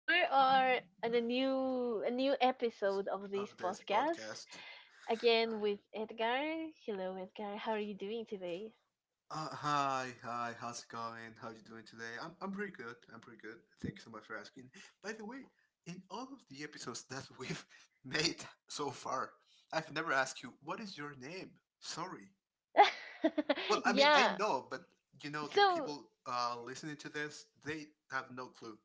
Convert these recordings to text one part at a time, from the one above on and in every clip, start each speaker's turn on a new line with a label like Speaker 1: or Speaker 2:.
Speaker 1: we are on a new episode of this
Speaker 2: Of this
Speaker 1: podcast
Speaker 2: podcast.
Speaker 1: again with Edgar. Hello, Edgar. How are you doing today?
Speaker 2: Hi, how's it going? How you doing today? I'm pretty good. I'm pretty good. Thank you so much for asking. By the way, in all of the episodes that we've made so far, I've never asked you, what is your name? Sorry. Well, I mean, I
Speaker 1: Yeah.
Speaker 2: know, but the
Speaker 1: So.
Speaker 2: people listening to this, they have no clue.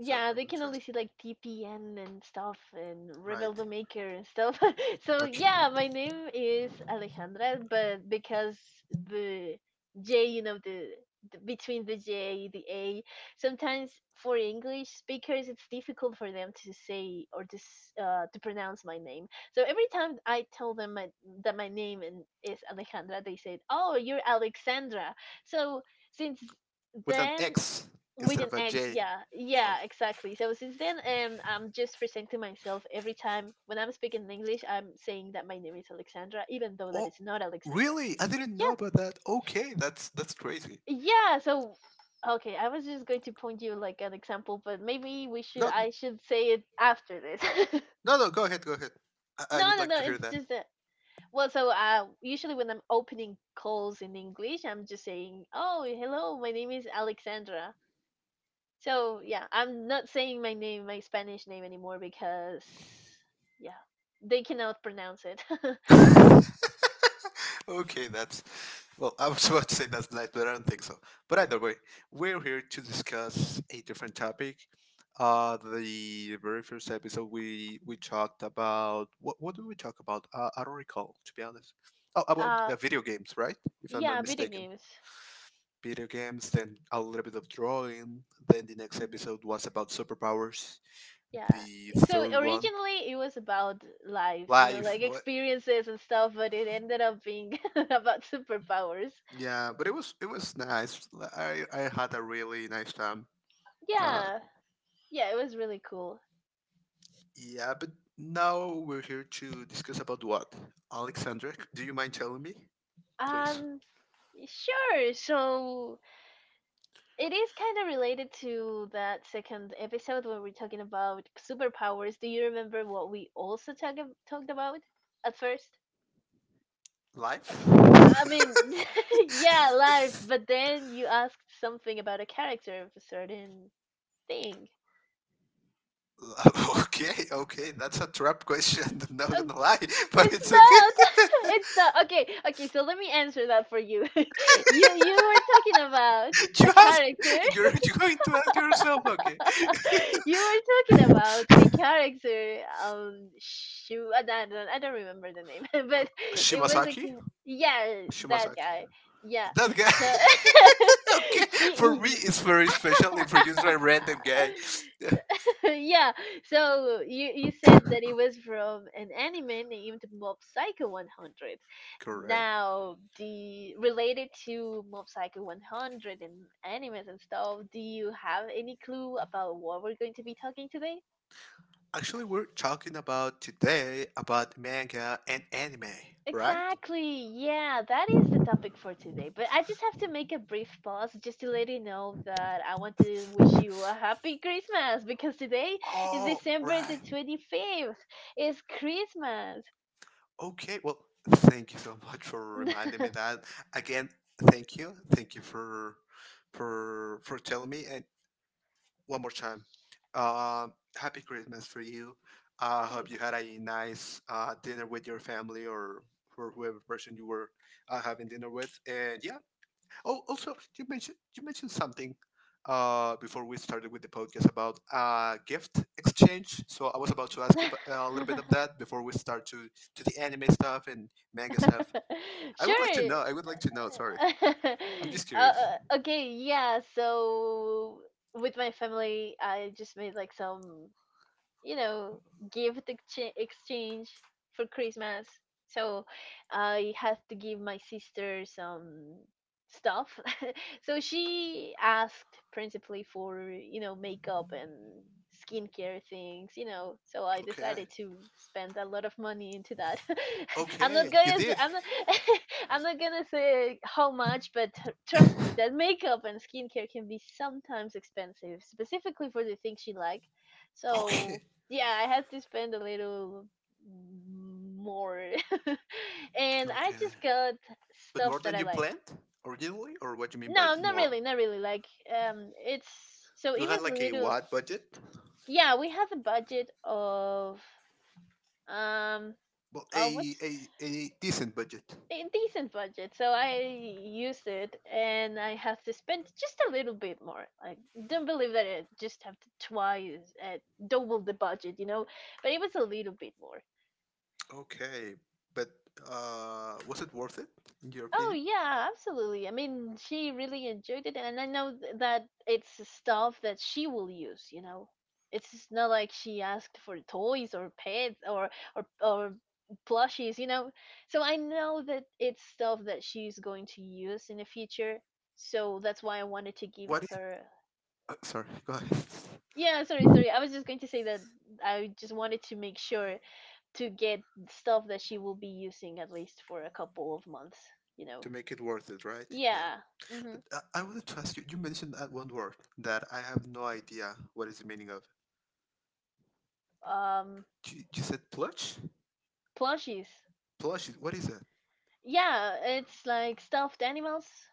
Speaker 2: So
Speaker 1: Yeah,
Speaker 2: I
Speaker 1: they
Speaker 2: wanted
Speaker 1: can
Speaker 2: to
Speaker 1: only
Speaker 2: ask.
Speaker 1: see like TPN and stuff and
Speaker 2: Right.
Speaker 1: Rebel the Maker and stuff. So
Speaker 2: Okay.
Speaker 1: yeah, my name is Alejandra, but because the J, the between the J, the A, sometimes for English speakers, it's difficult for them to say or to to pronounce my name. So every time I tell them that my name and is Alejandra, they said, "Oh, you're Alexandra." So since
Speaker 2: With an
Speaker 1: then
Speaker 2: X
Speaker 1: with
Speaker 2: instead
Speaker 1: an
Speaker 2: of a
Speaker 1: X,
Speaker 2: J.
Speaker 1: yeah,
Speaker 2: Oh.
Speaker 1: yeah, exactly. So since then, I'm just presenting myself every time when I'm speaking in English. I'm saying that my name is Alexandra, even though that
Speaker 2: Oh,
Speaker 1: it's not Alexandra.
Speaker 2: really? I didn't know
Speaker 1: Yeah,
Speaker 2: about that. Okay, that's crazy.
Speaker 1: yeah. So, okay, I was just going to point you like an example, but maybe we should
Speaker 2: No,
Speaker 1: I should say it after this.
Speaker 2: no, no. Go ahead, go ahead. I
Speaker 1: No,
Speaker 2: would
Speaker 1: no,
Speaker 2: like
Speaker 1: no.
Speaker 2: to hear
Speaker 1: It's just that. Well, so usually when I'm opening calls in English, I'm just saying, "Oh, hello, my name is Alexandra." So yeah, I'm not saying my name, my Spanish name anymore because yeah, they cannot pronounce it.
Speaker 2: that. Okay, that's well. I was about to say that's nice, but I don't think so. But either way, we're here to discuss a different topic. The very first episode we talked about what did we talk about? I don't recall, to be honest. Oh, about
Speaker 1: uh,
Speaker 2: video games, right? If I'm not
Speaker 1: yeah, video
Speaker 2: mistaken.
Speaker 1: games.
Speaker 2: Video games, then a little bit of drawing. Then the next
Speaker 1: Mhm.
Speaker 2: episode was about superpowers.
Speaker 1: Yeah.
Speaker 2: The
Speaker 1: So
Speaker 2: third one,
Speaker 1: originally it was about lives,
Speaker 2: life.
Speaker 1: like
Speaker 2: What?
Speaker 1: experiences and stuff, but it ended up being about superpowers.
Speaker 2: Yeah, but it was nice. I had a really nice time. Uh,
Speaker 1: Yeah. Yeah, it was really cool.
Speaker 2: yeah, but now we're here to discuss about what? Alexandre, do you mind telling me, please?
Speaker 1: Um, sure. So it is kind of related to that second episode where we're talking about superpowers. Do you remember what we also talked about at first?
Speaker 2: Life.
Speaker 1: I mean, yeah, life, but then you asked something about a character of a certain thing.
Speaker 2: Okay, okay, that's a trap question. I'm not gonna lie,
Speaker 1: Okay.
Speaker 2: but
Speaker 1: It's
Speaker 2: it's
Speaker 1: not.
Speaker 2: okay.
Speaker 1: It's not. Okay. Okay. So let me answer that for you. You were talking about
Speaker 2: you
Speaker 1: a
Speaker 2: ask,
Speaker 1: character.
Speaker 2: you're going to ask yourself, okay?
Speaker 1: You were talking about a character, Shu. I don't remember the name, but it was
Speaker 2: Shimasaki?
Speaker 1: yeah, that
Speaker 2: Shimasaki.
Speaker 1: guy. Yeah.
Speaker 2: That guy.
Speaker 1: So
Speaker 2: Okay.
Speaker 1: he,
Speaker 2: For me,
Speaker 1: he-
Speaker 2: it's very special introduced by random guy. Yeah,
Speaker 1: yeah. So you said that it was from an anime named Mob Psycho 100.
Speaker 2: correct.
Speaker 1: Now, the related to Mob Psycho 100 and animes and stuff, do you have any clue about what we're going to be talking today?
Speaker 2: Actually, we're talking about today about manga and anime, right?
Speaker 1: Exactly. Yeah, that is the topic for today. But I just have to make a brief pause just to let you know that I want to wish you a happy Christmas because today is
Speaker 2: Oh,
Speaker 1: December
Speaker 2: right.
Speaker 1: the 25th. It's Christmas.
Speaker 2: Okay. Well, thank you so much for reminding me that. Again, thank you. Thank you for telling me. And one more time. Uh, happy Christmas for you. I hope you
Speaker 1: Thanks.
Speaker 2: had a nice dinner with your family or for whoever person you were having dinner with. And yeah. Oh, also, you mentioned something before we started with the podcast about gift exchange. So I was about to ask you a little bit of that before we start to the anime stuff and manga stuff. I would like to
Speaker 1: Sure.
Speaker 2: know. I would like to know. Sorry,
Speaker 1: uh,
Speaker 2: I'm just curious.
Speaker 1: okay, yeah, so with my family, I just made like some, you know, gift exchange for Christmas. So I had to give my sister some stuff. So she asked principally for, makeup and skincare things, so I
Speaker 2: Okay.
Speaker 1: decided to spend a lot of money into that. I'm not
Speaker 2: Okay, you
Speaker 1: gonna s-
Speaker 2: did.
Speaker 1: I'm not, I'm not gonna say how much, but trust me that makeup and skincare can be sometimes expensive, specifically for the things she like.
Speaker 2: Okay.
Speaker 1: So yeah, I had to spend a little more. And I
Speaker 2: Okay.
Speaker 1: just got
Speaker 2: But
Speaker 1: stuff
Speaker 2: more than
Speaker 1: that I
Speaker 2: you
Speaker 1: like.
Speaker 2: planned originally, or what do you mean by
Speaker 1: No, not
Speaker 2: more?
Speaker 1: really, not really. Like, it's so
Speaker 2: You
Speaker 1: it
Speaker 2: had
Speaker 1: was a
Speaker 2: like a
Speaker 1: little.
Speaker 2: what budget?
Speaker 1: Yeah, we had a budget of, um,
Speaker 2: Well,
Speaker 1: oh,
Speaker 2: a
Speaker 1: what's
Speaker 2: a, a decent budget.
Speaker 1: a decent budget. So I used it, and I have to spend just a little bit more. Like, don't believe that I just have to twice at double the budget. But it was a little bit more.
Speaker 2: Okay, but was it worth it in your
Speaker 1: Oh
Speaker 2: opinion?
Speaker 1: yeah, absolutely. I mean, she really enjoyed it, and I know that it's stuff that she will use. You know, it's just not like she asked for toys or pets, or plushies. You know, so I know that it's stuff that she's going to use in the future. So that's why I wanted to give
Speaker 2: What is?
Speaker 1: her.
Speaker 2: Sorry, go ahead.
Speaker 1: Yeah, sorry, sorry. I was just going to say that I just wanted to make sure to get stuff that she will be using at least for a couple of months. You know.
Speaker 2: To make it worth it, right? Yeah.
Speaker 1: Yeah. Mm-hmm.
Speaker 2: But I wanted to ask you. You mentioned that one word that I have no idea what is the meaning of.
Speaker 1: um
Speaker 2: You said plush.
Speaker 1: Plushies.
Speaker 2: Plushies. What is it?
Speaker 1: Yeah, it's like stuffed animals.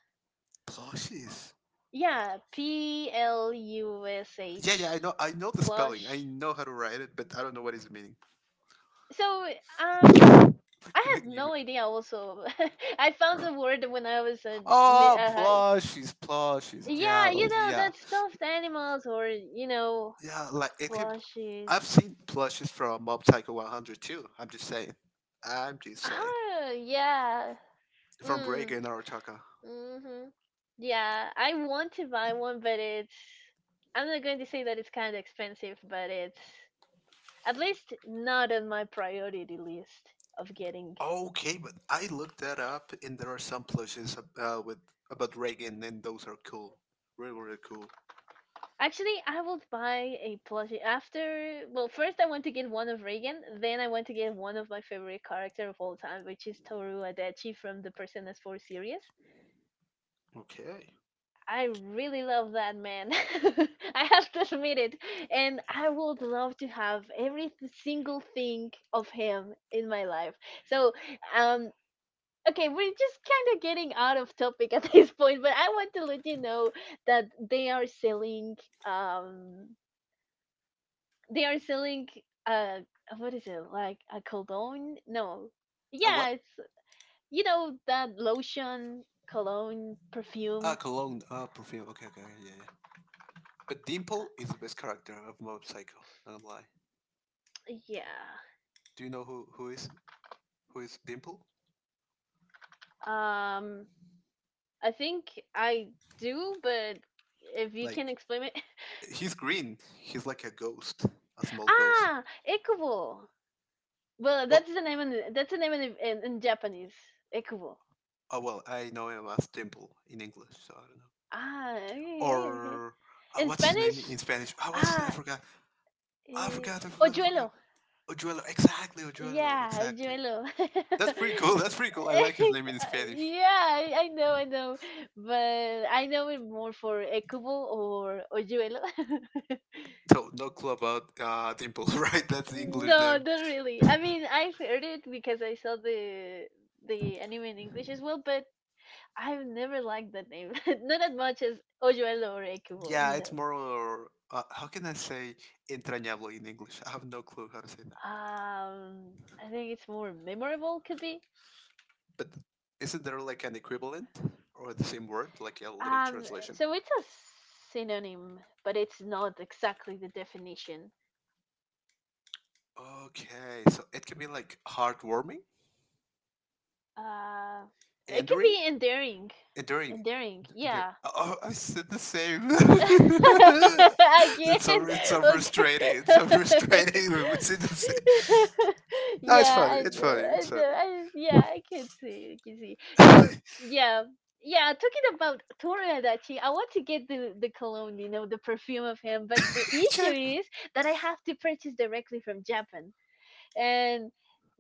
Speaker 2: Plushies.
Speaker 1: Yeah, P L U S
Speaker 2: Yeah, yeah.
Speaker 1: H,
Speaker 2: I know. I know the spelling. I
Speaker 1: plush.
Speaker 2: know how to write it, but I don't know what is the meaning.
Speaker 1: So um
Speaker 2: Give
Speaker 1: I
Speaker 2: me,
Speaker 1: had
Speaker 2: give me.
Speaker 1: no idea also. I found the word when I was mid
Speaker 2: Oh,
Speaker 1: uh, hi-
Speaker 2: plushies, plushies.
Speaker 1: yeah,
Speaker 2: Yeah, yeah,
Speaker 1: that stuffed animals, or,
Speaker 2: yeah. Like it can.
Speaker 1: plushies.
Speaker 2: I've seen plushies from Mob Psycho 100 too. I'm just saying. I'm just saying.
Speaker 1: Ah, yeah.
Speaker 2: From
Speaker 1: Mm.
Speaker 2: Reagan Arataka.
Speaker 1: Mhm. Yeah, I want to buy one, but it's I'm not going to say that it's kind of expensive, but it's at least not on my priority list of getting.
Speaker 2: Okay, but I looked that up, and there are some plushies with about Reagan, and those are cool. Really, really cool.
Speaker 1: Actually, I will buy a plushie after. Well, first I want to get one of Reagan, then I want to get one of my favorite character of all time, which is Toru Adachi from the Persona 4 series.
Speaker 2: Okay.
Speaker 1: I really love that man. I have to admit it. And I would love to have every single thing of him in my life. So, um, okay, we're just kind of getting out of topic at this point, but I want to let you know that um, they are selling, uh, what is it? Like a cologne? No.
Speaker 2: A
Speaker 1: Yeah,
Speaker 2: what?
Speaker 1: it's, that lotion, cologne,
Speaker 2: Ah,
Speaker 1: perfume.
Speaker 2: cologne. Ah, perfume. Okay, okay, okay, yeah, yeah. But Dimple is the best character of Mob Psycho. Not gonna lie.
Speaker 1: Yeah.
Speaker 2: Do you know who is Dimple?
Speaker 1: Um, I think I do, but if you can
Speaker 2: Like
Speaker 1: explain it,
Speaker 2: he's green. He's like a ghost, a small ghost.
Speaker 1: ekubo. Well,
Speaker 2: Well,
Speaker 1: that's the name in in Japanese, ekubo.
Speaker 2: oh well, I know him as Dimple in English, so I don't know.
Speaker 1: Ah, okay, okay.
Speaker 2: Or
Speaker 1: In
Speaker 2: what's his name
Speaker 1: Spanish,
Speaker 2: in Spanish? Ah, what's I
Speaker 1: ah,
Speaker 2: forgot. Ah, I
Speaker 1: eh,
Speaker 2: forgot. I forgot. I forgot.
Speaker 1: ojuelo.
Speaker 2: Ojuelo. Exactly. Ojuelo.
Speaker 1: Yeah,
Speaker 2: Exactly.
Speaker 1: ojuelo.
Speaker 2: That's pretty cool. That's pretty cool. I like his name in Spanish.
Speaker 1: Yeah, I know, but I know it more for ekubo or ojuelo.
Speaker 2: So no clue about Dimple, right? That's the English
Speaker 1: No,
Speaker 2: name.
Speaker 1: not really. I mean, I've heard it because I saw the anime in English as well, but I've never liked that name. Not as much as Ojoello or Ekubo,
Speaker 2: Yeah,
Speaker 1: you
Speaker 2: it's
Speaker 1: know.
Speaker 2: more. How can I say entrañable in English? I have no clue how to say that.
Speaker 1: Um, I think it's more memorable, could be.
Speaker 2: But isn't there like an equivalent or the same word, like a little
Speaker 1: Um,
Speaker 2: translation?
Speaker 1: so it's a synonym, but it's not exactly the definition.
Speaker 2: Okay, so it can be like heartwarming,
Speaker 1: Uh, it could
Speaker 2: enduring,
Speaker 1: be endearing.
Speaker 2: enduring.
Speaker 1: Endearing, yeah.
Speaker 2: Oh, I said the same. it's
Speaker 1: Again,
Speaker 2: so it's so
Speaker 1: okay.
Speaker 2: frustrating. It's so frustrating that we said the same. No,
Speaker 1: Yeah,
Speaker 2: it's funny. It's funny. It's funny.
Speaker 1: yeah, I can see. So yeah, yeah. Talking about Torad, actually, I want to get the cologne, the perfume of him. But the issue
Speaker 2: Jap-
Speaker 1: is that I have to purchase directly from Japan, and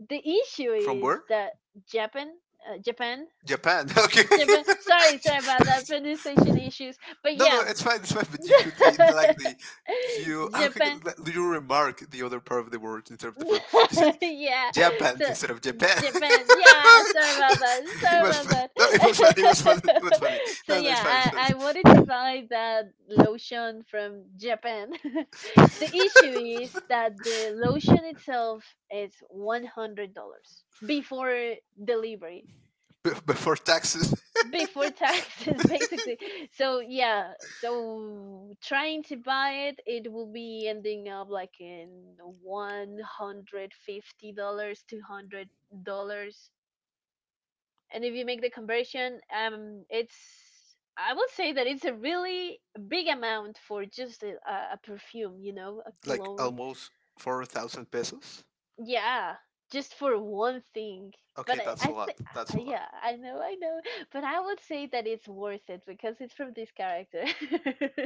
Speaker 1: the issue
Speaker 2: From
Speaker 1: is
Speaker 2: where?
Speaker 1: that Japan, uh, Japan,
Speaker 2: Japan. Okay.
Speaker 1: Japan. Sorry, sorry about that pronunciation issues. But
Speaker 2: No, no,
Speaker 1: yeah,
Speaker 2: it's fine, it's fine. But you put like the you how can,
Speaker 1: Japan.
Speaker 2: like, you remark the other part of the word instead of the first? You said
Speaker 1: Yeah.
Speaker 2: Japan
Speaker 1: So
Speaker 2: instead of Japan.
Speaker 1: Japan. Yeah, sorry about that.
Speaker 2: it
Speaker 1: Sorry about
Speaker 2: was No, it was fun. It was fun. It was
Speaker 1: that.
Speaker 2: funny.
Speaker 1: So
Speaker 2: No, no, it's fine. It's
Speaker 1: yeah,
Speaker 2: fine.
Speaker 1: I wanted to buy that lotion from Japan. The issue is that the lotion itself is $100 before delivery.
Speaker 2: Before taxes,
Speaker 1: Before taxes, basically. So yeah, so trying to buy it, it will be ending up like in $150, $200. And if you make the comparison, it's I would say that it's a really big amount for just a perfume, a
Speaker 2: like
Speaker 1: cologne.
Speaker 2: almost 4,000 pesos.
Speaker 1: Yeah, just for one thing. But
Speaker 2: Okay,
Speaker 1: i,
Speaker 2: that's a
Speaker 1: I
Speaker 2: lot.
Speaker 1: think.
Speaker 2: That's a lot.
Speaker 1: Yeah, I know. But I would say that it's worth it because it's from this character.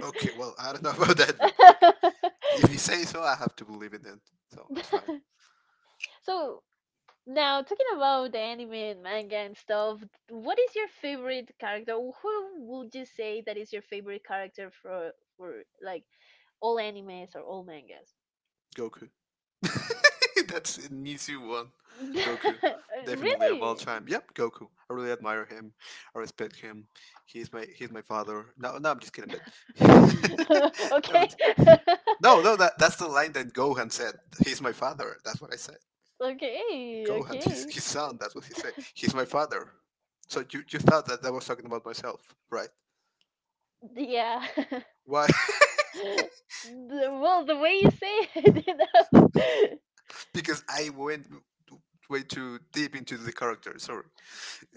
Speaker 2: Okay, well, I don't know about that, but okay. If you say so, I have to believe in it. So it's fine.
Speaker 1: So. Now, talking about the anime and manga and stuff, what is your favorite character? Who would you say that is your favorite character for, like, all animes or all mangas?
Speaker 2: Goku. That's Nitsu one. Goku. Definitely of all
Speaker 1: Really?
Speaker 2: time. Yep, Goku. I really admire him. I respect him. He's my father. No, no, I'm just kidding, but no,
Speaker 1: Okay.
Speaker 2: but no, no, that's the line that Gohan said. He's my father. That's what I said.
Speaker 1: Okay.
Speaker 2: Gohan, his
Speaker 1: Okay.
Speaker 2: his son, that's what he said. He's my father. So you thought that I was talking about myself, right?
Speaker 1: Yeah.
Speaker 2: Why?
Speaker 1: Well, the way you say it, you
Speaker 2: Because I went way too deep into the character, sorry.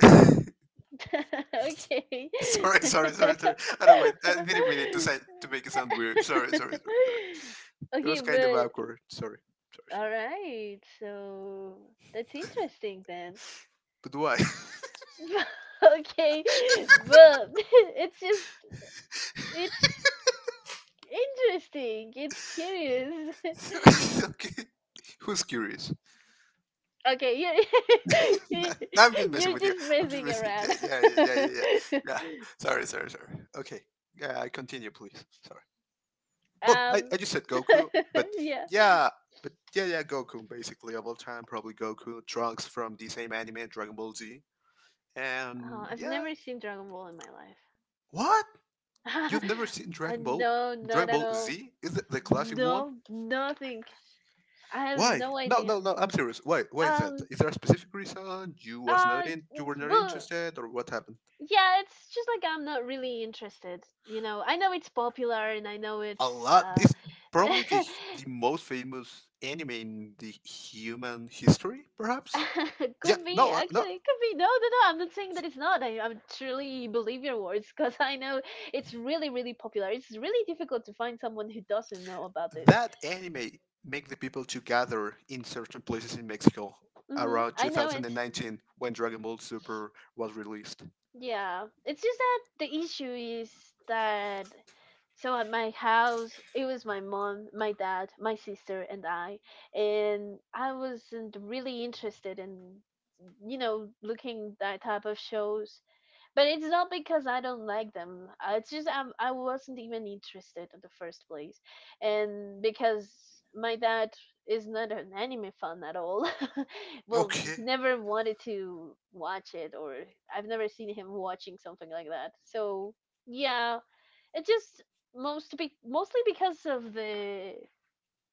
Speaker 1: know.
Speaker 2: Sorry, sorry, sorry, sorry. I don't Wait. I didn't mean it
Speaker 1: Okay.
Speaker 2: to make it sound weird. Sorry, sorry, sorry, sorry. It
Speaker 1: Okay,
Speaker 2: was kind of
Speaker 1: but
Speaker 2: awkward. Sorry, sorry, sorry.
Speaker 1: all right. So that's interesting then.
Speaker 2: But why?
Speaker 1: Okay, but it's interesting. It's curious.
Speaker 2: Okay. Who's curious?
Speaker 1: Okay, you
Speaker 2: No,
Speaker 1: you-
Speaker 2: I'm just messing
Speaker 1: you're
Speaker 2: with you.
Speaker 1: just
Speaker 2: I'm just
Speaker 1: messing
Speaker 2: messing.
Speaker 1: around.
Speaker 2: Yeah, yeah, yeah, yeah, yeah, yeah. Yeah. Sorry, sorry, sorry. Okay. Yeah, I continue, please. Sorry. Well, I,
Speaker 1: Um,
Speaker 2: I just said Goku, but
Speaker 1: yeah.
Speaker 2: yeah, Goku basically all the time. Probably Goku, Trunks from the same anime, Dragon Ball Z,
Speaker 1: Oh,
Speaker 2: and
Speaker 1: I've
Speaker 2: yeah.
Speaker 1: never seen Dragon Ball in my
Speaker 2: What? You've
Speaker 1: life.
Speaker 2: never seen Dragon Ball?
Speaker 1: No,
Speaker 2: Dragon
Speaker 1: not at
Speaker 2: Ball
Speaker 1: all.
Speaker 2: Z? Is it the classic one?
Speaker 1: No, nothing. I have
Speaker 2: Why?
Speaker 1: no
Speaker 2: No,
Speaker 1: idea.
Speaker 2: no, no. I'm serious. Why? Why is that?
Speaker 1: Um,
Speaker 2: Is there a specific reason you was not
Speaker 1: uh,
Speaker 2: in? You were not
Speaker 1: well,
Speaker 2: interested, or what happened?
Speaker 1: yeah, it's just like I'm not really interested. You know, I know it's popular, and I know
Speaker 2: A lot. It's probably the the most famous anime in the human history, perhaps. Yeah.
Speaker 1: could be,
Speaker 2: No, no.
Speaker 1: actually, it could be. No, no, no, I'm not saying that it's not. I truly believe your words because I know it's really, really popular. It's really difficult to find someone who doesn't know about this.
Speaker 2: That anime make the people to gather in certain places in Mexico
Speaker 1: Mm-hmm,
Speaker 2: around
Speaker 1: I know it.
Speaker 2: 2019 when Dragon Ball Super was released.
Speaker 1: Yeah, it's just that the issue is that, so, at my house it was my mom, my dad, my sister, and I wasn't really interested in, looking that type of shows, but it's not because I don't like them. It's just I wasn't even interested in the first place. And because my dad is not an anime fan at all, well,
Speaker 2: Okay.
Speaker 1: he never wanted to watch it, or I've never seen him watching something like that. So, yeah, it just mostly because of the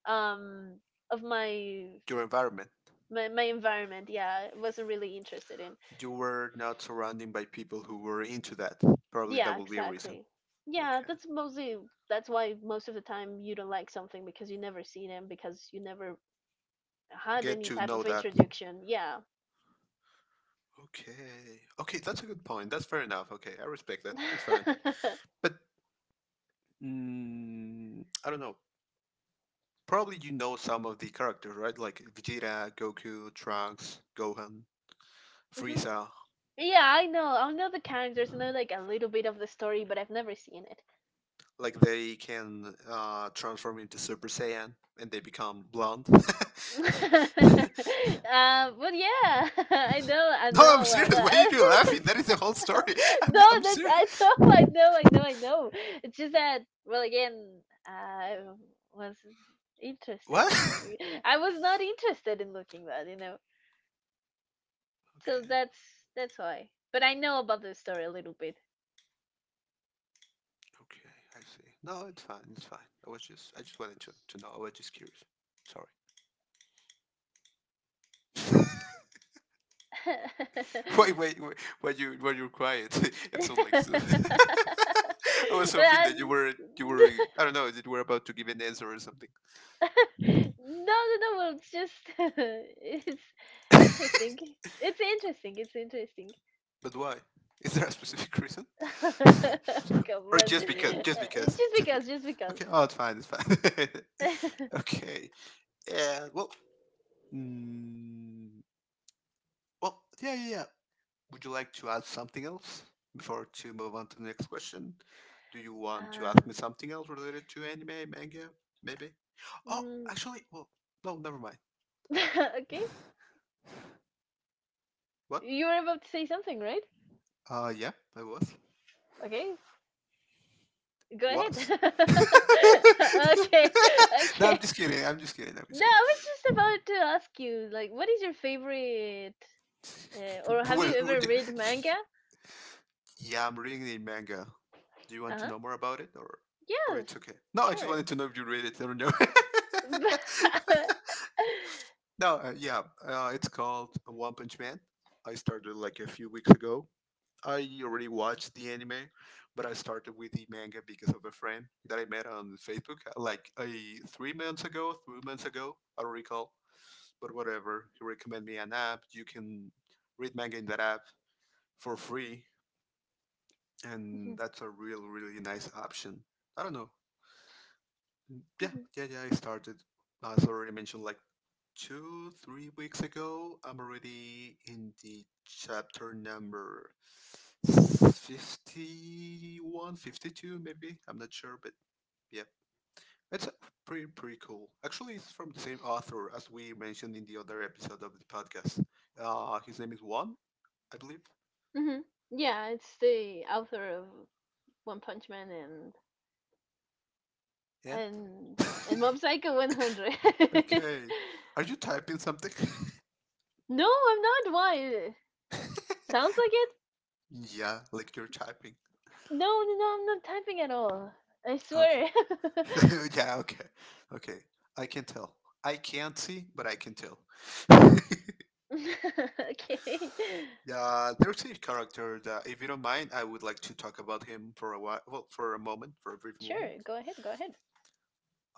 Speaker 1: um of my
Speaker 2: Your environment.
Speaker 1: my my environment. Yeah, I wasn't really interested in.
Speaker 2: You were not surrounded by people who were into that. Probably that
Speaker 1: Yeah,
Speaker 2: will be a reason.
Speaker 1: exactly. Yeah,
Speaker 2: Okay.
Speaker 1: that's why most of the time you don't like something because you never see them because you never had
Speaker 2: Get
Speaker 1: any
Speaker 2: to
Speaker 1: type
Speaker 2: know
Speaker 1: of
Speaker 2: that.
Speaker 1: introduction. Yeah.
Speaker 2: Okay. Okay, that's a good point. That's fair enough. Okay, I respect that. It's fine. But I don't know. Probably you know some of the characters, right? Like Vegeta, Goku, Trunks, Gohan,
Speaker 1: Hmm.
Speaker 2: Frieza.
Speaker 1: Yeah, I know. I know the characters. I know like a little bit of the story, but I've never seen it.
Speaker 2: Like they can transform into Super Saiyan, and they become blonde.
Speaker 1: But yeah, I know. I
Speaker 2: No, I'm
Speaker 1: know about
Speaker 2: serious. Why are
Speaker 1: that.
Speaker 2: you laughing? That is the whole story. I'm,
Speaker 1: No,
Speaker 2: I'm
Speaker 1: that's
Speaker 2: serious. What?
Speaker 1: I know. It's just that, well, again, I was interested in
Speaker 2: Okay.
Speaker 1: looking. I was not interested in looking that, So that's why. But I know about the story a little bit.
Speaker 2: Okay. I see. No, it's fine. It's fine. I just wanted to know. I was just curious. Sorry. why, why, why, why why you're quiet? It's so like. I was hoping
Speaker 1: That-
Speaker 2: that you were, you
Speaker 1: no,
Speaker 2: were, I don't know, that you were about to give an answer or something.
Speaker 1: no, no. Well, it's just it's interesting. It's interesting.
Speaker 2: But why? Is there a specific reason?
Speaker 1: Come
Speaker 2: Or
Speaker 1: on.
Speaker 2: just because? Just because?
Speaker 1: Just
Speaker 2: Just
Speaker 1: because,
Speaker 2: because?
Speaker 1: just because.
Speaker 2: Okay. Oh, it's fine. It's fine. Okay. Yeah. Well. Mm, well. Yeah. Yeah. Yeah. Would you like to add something else before to move on to the next question? Do you want to ask me
Speaker 1: Um,
Speaker 2: something else related to anime, manga, maybe? Oh,
Speaker 1: mm,
Speaker 2: actually, well, no, never mind.
Speaker 1: okay.
Speaker 2: What?
Speaker 1: You were about to say something, right?
Speaker 2: Yeah, I was.
Speaker 1: Okay, go ahead.
Speaker 2: Was.
Speaker 1: Okay,
Speaker 2: No, I'm
Speaker 1: okay.
Speaker 2: just kidding. I'm just kidding. I'm just
Speaker 1: No,
Speaker 2: kidding.
Speaker 1: I was just about to ask you, like, what is your favorite, or have you
Speaker 2: we're, we're,
Speaker 1: ever
Speaker 2: ju-
Speaker 1: read manga?
Speaker 2: Yeah, I'm reading the manga. Do you want to
Speaker 1: Uh-huh.
Speaker 2: know more about it, or
Speaker 1: Yes,
Speaker 2: it's okay? No, I just
Speaker 1: sure.
Speaker 2: wanted to know if you read it. I don't know. No, yeah, it's called One Punch Man. I started like a few weeks ago. I already watched the anime, but I started with the manga because of a friend that I met on Facebook like a three months ago, 3 months ago. I don't recall, but whatever. He recommended me an app. You can read manga in that app for free,
Speaker 1: Mhm,
Speaker 2: and that's a really nice option. I don't know. Yeah,
Speaker 1: mhm,
Speaker 2: yeah, yeah, I started, as already mentioned, like 2-3 weeks ago. I'm already in the chapter number 51, 52, maybe. I'm not sure, but yeah, it's pretty cool. Actually, it's from the same author as we mentioned in the other episode of the podcast. His name is Juan, I believe.
Speaker 1: mhm. Yeah, it's the author of One Punch Man and
Speaker 2: Yeah.
Speaker 1: and and Mob Psycho 100.
Speaker 2: Okay. Are you typing something?
Speaker 1: No, I'm not. Why? Sounds like it.
Speaker 2: Yeah, like you're typing.
Speaker 1: No, No, I'm not typing at all. I
Speaker 2: Okay.
Speaker 1: swear.
Speaker 2: Yeah, okay. Okay. I can tell. I can't see, but I can tell.
Speaker 1: okay.
Speaker 2: yeah, There's a character that, if you don't mind, I would like to talk about him for a while. Well, for a moment, for a brief moment.
Speaker 1: Sure. Go ahead. Go ahead.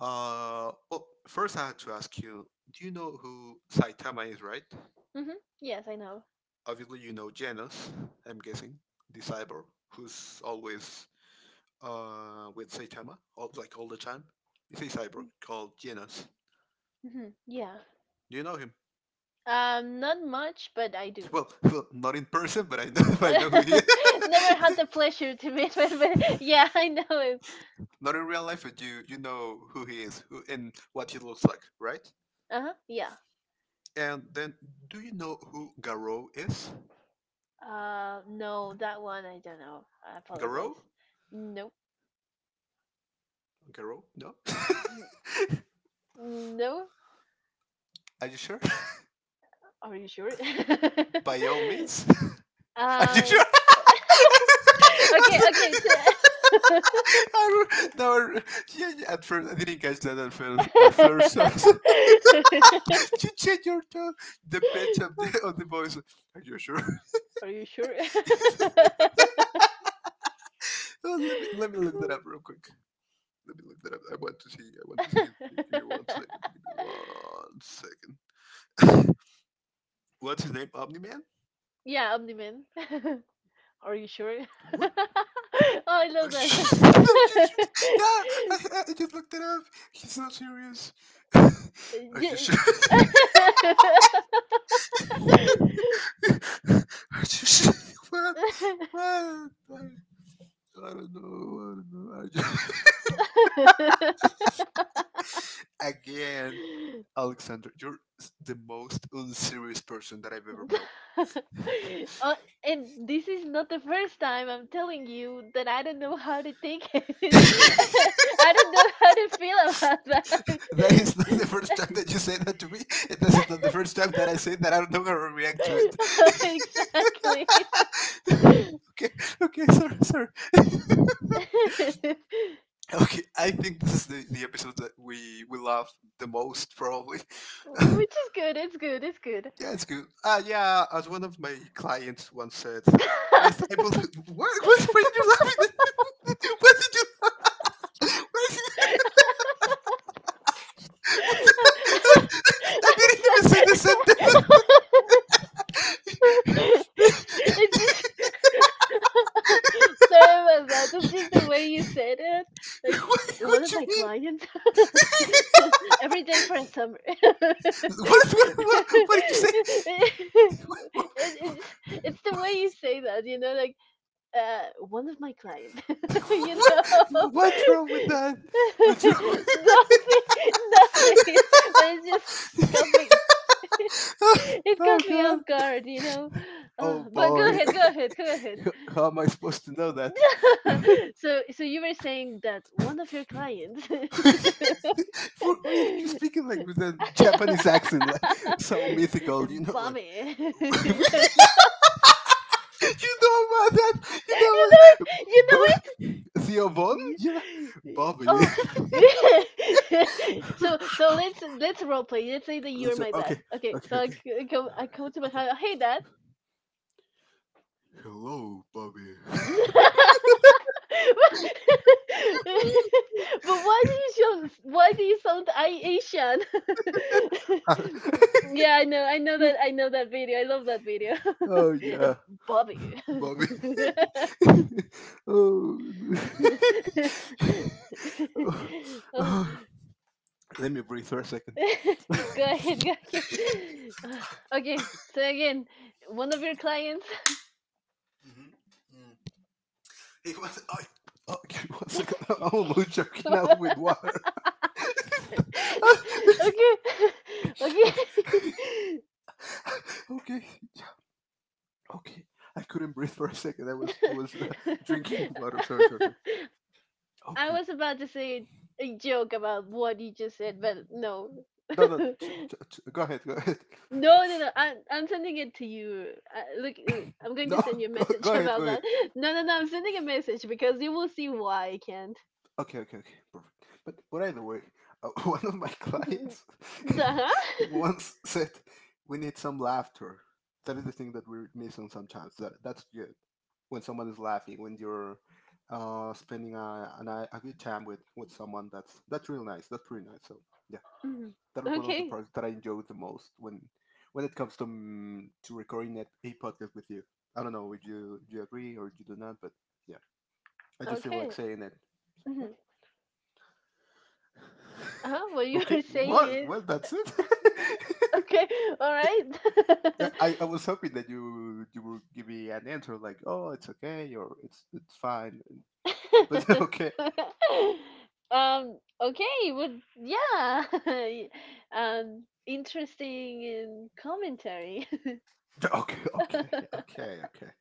Speaker 2: First I had to ask you, do you know who Saitama is, right?
Speaker 1: Mhm. Yes, I know.
Speaker 2: Obviously, you know Genos, I'm guessing, the cyborg who's always, with Saitama, all the time. It's a cyborg called Genos.
Speaker 1: Mhm. Yeah.
Speaker 2: Do you know him?
Speaker 1: Not much, but I do.
Speaker 2: Well, well, not in person, but I know I know who he is.
Speaker 1: Never had the pleasure to meet with, but yeah, I know it.
Speaker 2: Not in real life, but you know who he is, who and what he looks like, right?
Speaker 1: Uh huh. Yeah.
Speaker 2: And then, do you know who Garou is?
Speaker 1: No, that one I don't know. I
Speaker 2: Garou?
Speaker 1: apologize. Nope.
Speaker 2: Garou? No.
Speaker 1: No?
Speaker 2: Are you sure?
Speaker 1: Are you sure?
Speaker 2: By all means. Are you
Speaker 1: Uh,
Speaker 2: sure?
Speaker 1: okay.
Speaker 2: I re- no, I re- Yeah, yeah, at first I didn't catch that at first. At first, You change your tone, the pitch of the voice. Are you sure?
Speaker 1: Are you sure?
Speaker 2: Oh, let me look that up real quick. Let me look that up. I want to see. I want to see his face. Give me 1 second. Give me 1 second. What's his name? Omni Man.
Speaker 1: Yeah, Omniman. Are you sure?
Speaker 2: What?
Speaker 1: Oh, I
Speaker 2: Are
Speaker 1: love that.
Speaker 2: you, are you sure? Yeah, I, I just looked it up. He's not serious. Are you sure? Are you sure? What? What? I don't know. I don't know. Are you...
Speaker 1: Ye-
Speaker 2: Again, Alexander, you're the most unserious person that I've ever met.
Speaker 1: Uh, and this is not the first time I'm telling you that I don't know how to take it.
Speaker 2: that
Speaker 1: I don't know how to feel about
Speaker 2: is not the first time that you say that to me. And This is not the first time that I say that. I'm not gonna react to it.
Speaker 1: that.
Speaker 2: okay, okay, sorry, sorry.
Speaker 1: Exactly.
Speaker 2: Okay, I think this is the episode that we will laugh the most, probably. yeah,
Speaker 1: Which is good. It's good.
Speaker 2: It's good. Ah, yeah, as one of my clients once said,
Speaker 1: I'm
Speaker 2: I believe. What, why are you laughing? What did you laugh? Why did you, what, the- I didn't even say
Speaker 1: sorry.
Speaker 2: the sentence. what,
Speaker 1: It's just Sorry about that. It's just the way you said it. Like one
Speaker 2: what
Speaker 1: of
Speaker 2: you
Speaker 1: my
Speaker 2: mean?
Speaker 1: clients every day for a summer.
Speaker 2: What, what did you say? What,
Speaker 1: It's the way you say that. You know, like one of my clients. you
Speaker 2: what,
Speaker 1: know.
Speaker 2: what, what's wrong with that? What's wrong with
Speaker 1: nothing, nothing. But it just got me.
Speaker 2: Oh,
Speaker 1: It
Speaker 2: oh
Speaker 1: got me
Speaker 2: God.
Speaker 1: off guard, you know.
Speaker 2: Oh,
Speaker 1: But
Speaker 2: boy.
Speaker 1: go ahead.
Speaker 2: How am I supposed to know that? Why
Speaker 1: So you were saying that one of your clients.
Speaker 2: why are you speaking like with a Japanese accent? Like, so mythical, you know? Like,
Speaker 1: Bobby.
Speaker 2: you
Speaker 1: you know
Speaker 2: know about that? You
Speaker 1: it
Speaker 2: know
Speaker 1: You know
Speaker 2: about
Speaker 1: it.
Speaker 2: Theo Von?
Speaker 1: Y-
Speaker 2: Yeah. Bobby.
Speaker 1: oh. So let's role play. Let's say that you're
Speaker 2: let
Speaker 1: my dad.
Speaker 2: Okay,
Speaker 1: Okay,
Speaker 2: okay,
Speaker 1: so
Speaker 2: okay.
Speaker 1: I come. I come to my
Speaker 2: Okay.
Speaker 1: father. Hey dad.
Speaker 2: Hello, Bobby.
Speaker 1: But why do you sound, why do you sound Asian? Yeah, I know that video. I love that video,
Speaker 2: Oh, yeah,
Speaker 1: Bobby.
Speaker 2: Bobby. oh. oh.
Speaker 1: Oh,
Speaker 2: Oh. Let me breathe for a 2nd.
Speaker 1: go ahead. Okay, so again, one of your clients.
Speaker 2: It was. Oh, oh, give me 1 second. I'm almost choking out with water.
Speaker 1: okay okay
Speaker 2: Okay. Okay. I couldn't breathe for a second. I was drinking water. Sorry, sorry, sorry.
Speaker 1: I
Speaker 2: Okay.
Speaker 1: was about to say a joke about what you just said, but no.
Speaker 2: No, no.
Speaker 1: No.
Speaker 2: Go ahead. Go ahead.
Speaker 1: No am. I'm sending it to you. Look, I'm going
Speaker 2: no,
Speaker 1: to send you a
Speaker 2: go,
Speaker 1: message
Speaker 2: Go ahead. Go
Speaker 1: about
Speaker 2: ahead.
Speaker 1: that. No no no I'm sending a message because you will see why I can't.
Speaker 2: Okay, okay, okay. Perfect. But either way, one of my clients
Speaker 1: Duh.
Speaker 2: once said, "We need some laughter." That is the thing that we're missing sometimes. That's good when someone is laughing when you're spending a good time with someone. That's real nice. That's pretty nice. So yeah.
Speaker 1: Mhm.
Speaker 2: That was one of the
Speaker 1: okay
Speaker 2: projects that I enjoyed the most when it comes to to recording a podcast with you. I don't know if you agree or you do not, but yeah, I just feel like
Speaker 1: okay.
Speaker 2: saying it. Yeah.
Speaker 1: Mhm. Uh-huh. What you
Speaker 2: Okay.
Speaker 1: were saying
Speaker 2: What?
Speaker 1: is
Speaker 2: Well, that's it.
Speaker 1: okay, all right.
Speaker 2: Yeah, I was hoping that you would give me an answer like, oh, it's okay or it's fine, but okay,
Speaker 1: um okay, well, yeah. Um, interesting and commentary.
Speaker 2: okay, okay, okay, okay,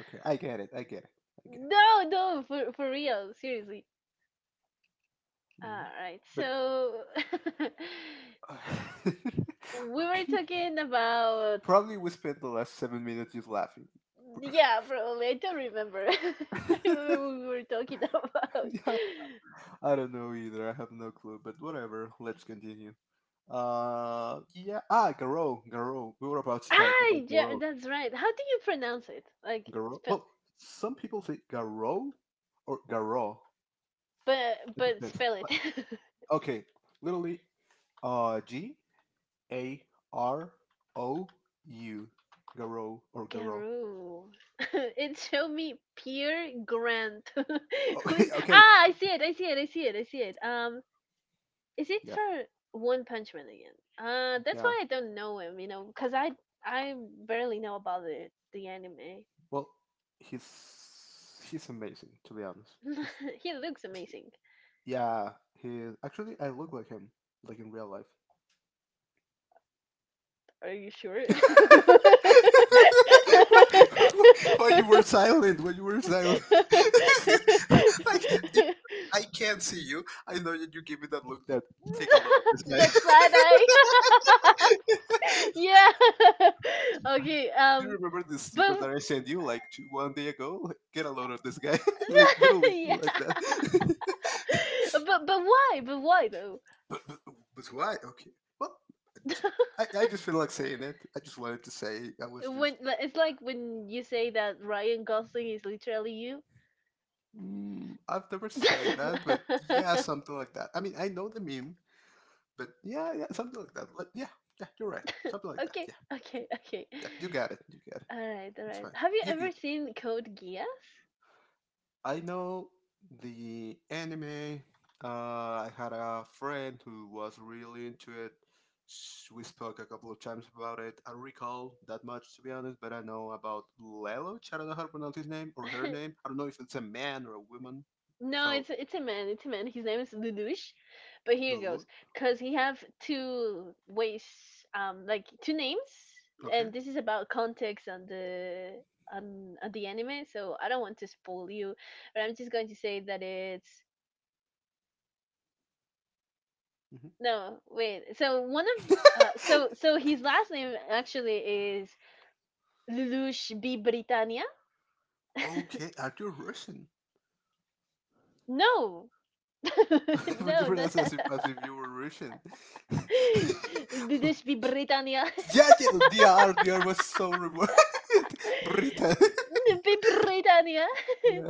Speaker 2: okay. I get it. I get it. I get
Speaker 1: No, no, for real, seriously.
Speaker 2: it.
Speaker 1: All right,
Speaker 2: But
Speaker 1: so we were
Speaker 2: okay.
Speaker 1: talking about,
Speaker 2: Probably we spent the last 7 minutes just laughing.
Speaker 1: yeah, probably. I don't remember I don't remember what we were talking about.
Speaker 2: yeah, I don't know either. I have no clue, but whatever. Let's continue. Yeah. Ah, Garo, Garo. We were about to talk
Speaker 1: Ah
Speaker 2: about
Speaker 1: yeah,
Speaker 2: Garo.
Speaker 1: that's right. How do you pronounce it? Like
Speaker 2: Garo.
Speaker 1: spell.
Speaker 2: Well, some people say Garo or Garo.
Speaker 1: But
Speaker 2: Depends.
Speaker 1: spell it.
Speaker 2: Okay, literally, GAROU, Garo or Garo.
Speaker 1: Garou. It showed me Pierre Grant.
Speaker 2: Okay,
Speaker 1: Who's.
Speaker 2: okay.
Speaker 1: Ah, I see it. I see it. Um, is it
Speaker 2: Yeah,
Speaker 1: for One Punch Man again? Uh, that's
Speaker 2: yeah.
Speaker 1: why I don't know him, you know, cuz I barely know about the anime.
Speaker 2: Well, he's amazing to be honest.
Speaker 1: He looks
Speaker 2: He's
Speaker 1: amazing.
Speaker 2: Yeah, he actually I look like him, like in real life.
Speaker 1: Are you sure?
Speaker 2: why, why you were silent? Why you were silent? Like if I can't see you, I know that you give me that look that take a lot of this
Speaker 1: That
Speaker 2: guy.
Speaker 1: side eye. yeah okay
Speaker 2: Do you
Speaker 1: um
Speaker 2: remember the sticker that
Speaker 1: but
Speaker 2: I sent you like 1 day ago? Like, get a load of this guy, like literally like that.
Speaker 1: yeah, but why, but why though?
Speaker 2: But, but, but why? Okay. Well, I just feel like saying it. I just wanted to say I was just.
Speaker 1: When like, it's like when you say that Ryan Gosling is literally you.
Speaker 2: Mm, I've never said that, but yeah, something like that. I mean, I know the meme, but yeah, yeah, something like that. Like, yeah, yeah, you're right. Something like that. Yeah,
Speaker 1: Okay,
Speaker 2: yeah, you got it. You got it.
Speaker 1: all
Speaker 2: It's
Speaker 1: right,
Speaker 2: fine.
Speaker 1: have you
Speaker 2: You good?
Speaker 1: ever seen Code Geass?
Speaker 2: I know the anime. I had a friend who was really into it. We spoke a couple of times about it. I don't recall that much, to be honest, but I know about Lelouch. I don't know how to pronounce his name or her name. I don't know if it's a man or a woman.
Speaker 1: No,
Speaker 2: So,
Speaker 1: it's a man. It's a man. His name is Ludush. But
Speaker 2: the
Speaker 1: here
Speaker 2: look.
Speaker 1: goes. Cause he have two ways, like two names,
Speaker 2: Okay.
Speaker 1: and this is about context on the on the anime. So I don't want to spoil you, but I'm just going to say that it's
Speaker 2: hmm
Speaker 1: no wait. So one of his last name actually is Lelouch B Britannia.
Speaker 2: Okay, are you Russian?
Speaker 1: No, no,
Speaker 2: Would you
Speaker 1: no, no.
Speaker 2: pronounce it as if you were Russian? Like,
Speaker 1: Lelouch B Britannia.
Speaker 2: yeah, yeah, DR, DR was so rewarded. Britain.
Speaker 1: Big Britannia.
Speaker 2: Yeah.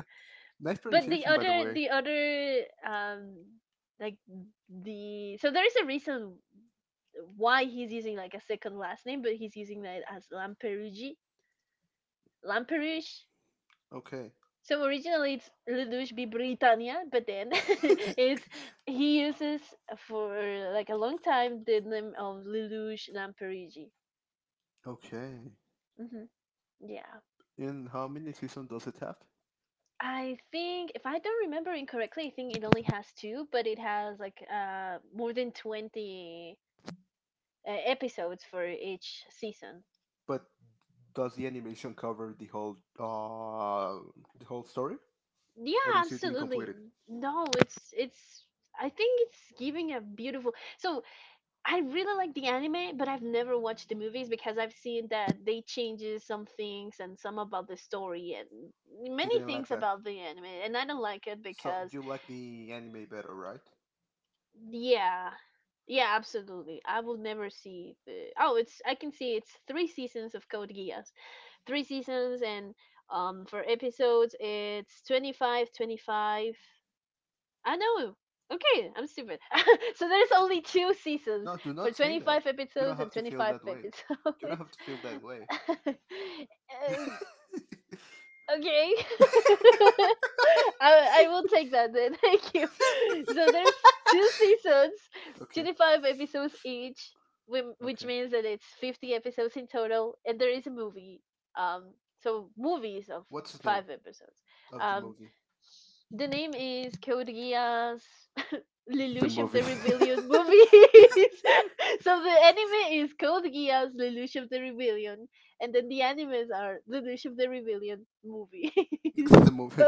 Speaker 2: Nice
Speaker 1: But the
Speaker 2: pronunciation, by the
Speaker 1: other,
Speaker 2: way.
Speaker 1: like the, so there is a reason why he's using like a second last name, but he's using that as Lamperugi, Lamperush.
Speaker 2: Okay.
Speaker 1: So originally it's Lelouch B Britannia, but then it's he uses for like a long time the name of Lelouch Lamperugi.
Speaker 2: Okay.
Speaker 1: Hmm. Yeah.
Speaker 2: And how many seasons does it have?
Speaker 1: I think if I don't remember incorrectly, I think it only has 2, but it has like more than 20 episodes for each season.
Speaker 2: But does the animation cover the whole story,
Speaker 1: Yeah,
Speaker 2: or is it incomplete?
Speaker 1: absolutely. No, it's I think it's giving a beautiful. So, I really like the anime, but I've never watched the movies because I've seen that they changes some things and some about the story and
Speaker 2: You
Speaker 1: many
Speaker 2: didn't like
Speaker 1: things
Speaker 2: that.
Speaker 1: about the anime, and I don't like it
Speaker 2: So
Speaker 1: because.
Speaker 2: you like the anime better, right?
Speaker 1: Yeah. Yeah, absolutely. I will never see the. Oh, it's, I can see it's 3 seasons of Code Geass. 3 seasons and um, for episodes it's 25, 25. I know. Okay, I'm stupid. So there's only 2 seasons
Speaker 2: No, do
Speaker 1: for
Speaker 2: not say
Speaker 1: 25
Speaker 2: that. You don't
Speaker 1: episodes and
Speaker 2: have to feel
Speaker 1: 25
Speaker 2: that way.
Speaker 1: episodes.
Speaker 2: You don't have to feel that way.
Speaker 1: Uh, okay. I will take that then. Thank you. So there's two seasons,
Speaker 2: Okay.
Speaker 1: 25 episodes each, which
Speaker 2: Okay.
Speaker 1: means that it's 50 episodes in total, and there is a movie. Um, so movies of
Speaker 2: What's his name
Speaker 1: 5 episodes.
Speaker 2: of the
Speaker 1: Um,
Speaker 2: movie?
Speaker 1: the name is Code Geass
Speaker 2: The
Speaker 1: Lelouch of
Speaker 2: movie.
Speaker 1: the Rebellion movies. So the anime is called Gia's Lelouch of the Rebellion, and then the animes are Lelouch of the Rebellion movies.
Speaker 2: The movie.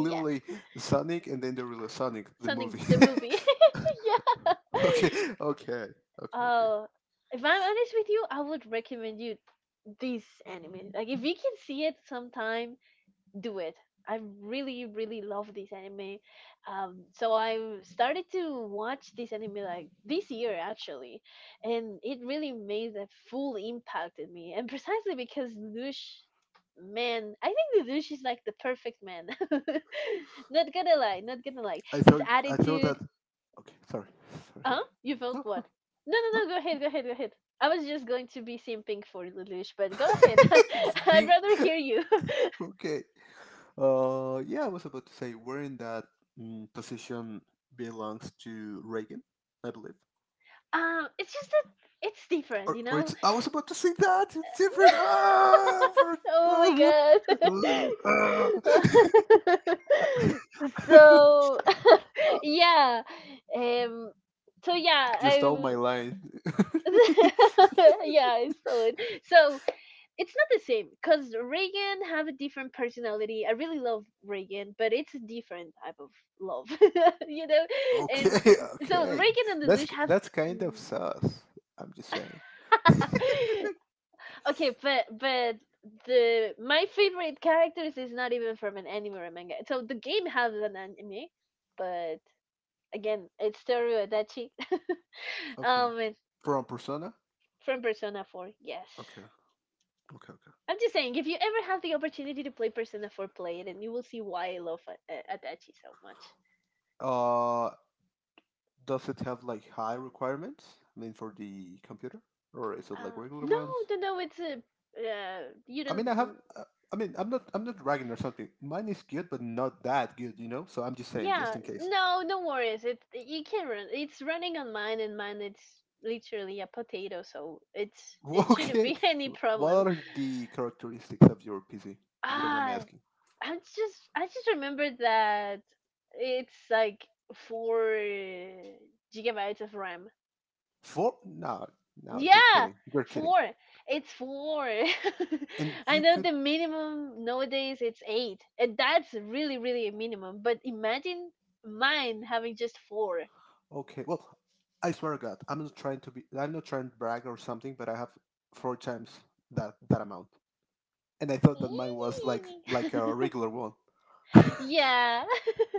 Speaker 1: Yeah,
Speaker 2: Sonic and then the real Sonic, the
Speaker 1: Sonic
Speaker 2: movie.
Speaker 1: the movie. Yeah.
Speaker 2: Okay, okay, okay, okay.
Speaker 1: Oh, if I'm honest with you, I would recommend you this anime. Like, if you can see it sometime, do it. Really love this anime. So I started to watch this anime like this year actually, and it really made a full impact in me. And precisely because Lush, man, I think the Lush is like the perfect man. Not gonna lie. His
Speaker 2: I thought that,
Speaker 1: attitude.
Speaker 2: okay, sorry. Sorry, sorry.
Speaker 1: Huh? You felt
Speaker 2: No, no,
Speaker 1: what? No,
Speaker 2: no.
Speaker 1: no, No. Go ahead. I was just going to be simping for Lelouch, but go ahead. I'd
Speaker 2: Being
Speaker 1: rather hear you.
Speaker 2: okay. Yeah, I was about to say where in that, position belongs to Reagan, I believe.
Speaker 1: It's just that it's different, you
Speaker 2: Or
Speaker 1: know.
Speaker 2: it's, I was about to say that. It's different. Ah, for,
Speaker 1: Oh
Speaker 2: ah,
Speaker 1: my
Speaker 2: what?
Speaker 1: god.
Speaker 2: Ah, ah.
Speaker 1: So yeah. Um, so yeah,
Speaker 2: You stole
Speaker 1: I'm
Speaker 2: my line.
Speaker 1: yeah, I saw it. So it's not the same because Reagan have a different personality. I really love Reagan, but it's a different type of love, you know. And
Speaker 2: Okay,
Speaker 1: so
Speaker 2: okay.
Speaker 1: Reagan and Lelouch have
Speaker 2: That's kind of sus. I'm just saying.
Speaker 1: okay, but the my favorite characters is not even from an anime or a manga. So the game has an anime, but again, it's Toru Adachi.
Speaker 2: Okay.
Speaker 1: Um, and
Speaker 2: From Persona.
Speaker 1: from Persona Four. Yes,
Speaker 2: Okay. Okay. Okay.
Speaker 1: I'm just saying if you ever have the opportunity to play Persona Four, play it, and you will see why I love Adachi so much.
Speaker 2: Uh, does it have like high requirements? I mean, for the computer, or is it like
Speaker 1: Um,
Speaker 2: regular
Speaker 1: no,
Speaker 2: ones?
Speaker 1: no, No, it's a. You
Speaker 2: I mean,
Speaker 1: don't.
Speaker 2: I have. uh, I mean, I'm not. I'm not bragging or something. Mine is good, but not that good, you know. So I'm just saying, just
Speaker 1: Yeah,
Speaker 2: in case.
Speaker 1: no, no worries. It, you can run. It's running on mine, and mine it's literally a potato, so it's it shouldn't
Speaker 2: Okay.
Speaker 1: be any problem.
Speaker 2: What are the characteristics of your PC? If you don't mind me
Speaker 1: Ah,
Speaker 2: asking.
Speaker 1: I just remembered that it's like 4 gigabytes of RAM.
Speaker 2: Four? No, no, you're
Speaker 1: Yeah,
Speaker 2: kidding. You're kidding.
Speaker 1: 4. It's 4.
Speaker 2: And
Speaker 1: I
Speaker 2: you
Speaker 1: know
Speaker 2: could.
Speaker 1: the minimum nowadays it's 8, and that's really a minimum. But imagine mine having just 4.
Speaker 2: Okay. Well, I swear to God, I'm not trying to be. I'm not trying to brag or something, but I have four times that that amount, and I thought that mine was like a regular one.
Speaker 1: yeah.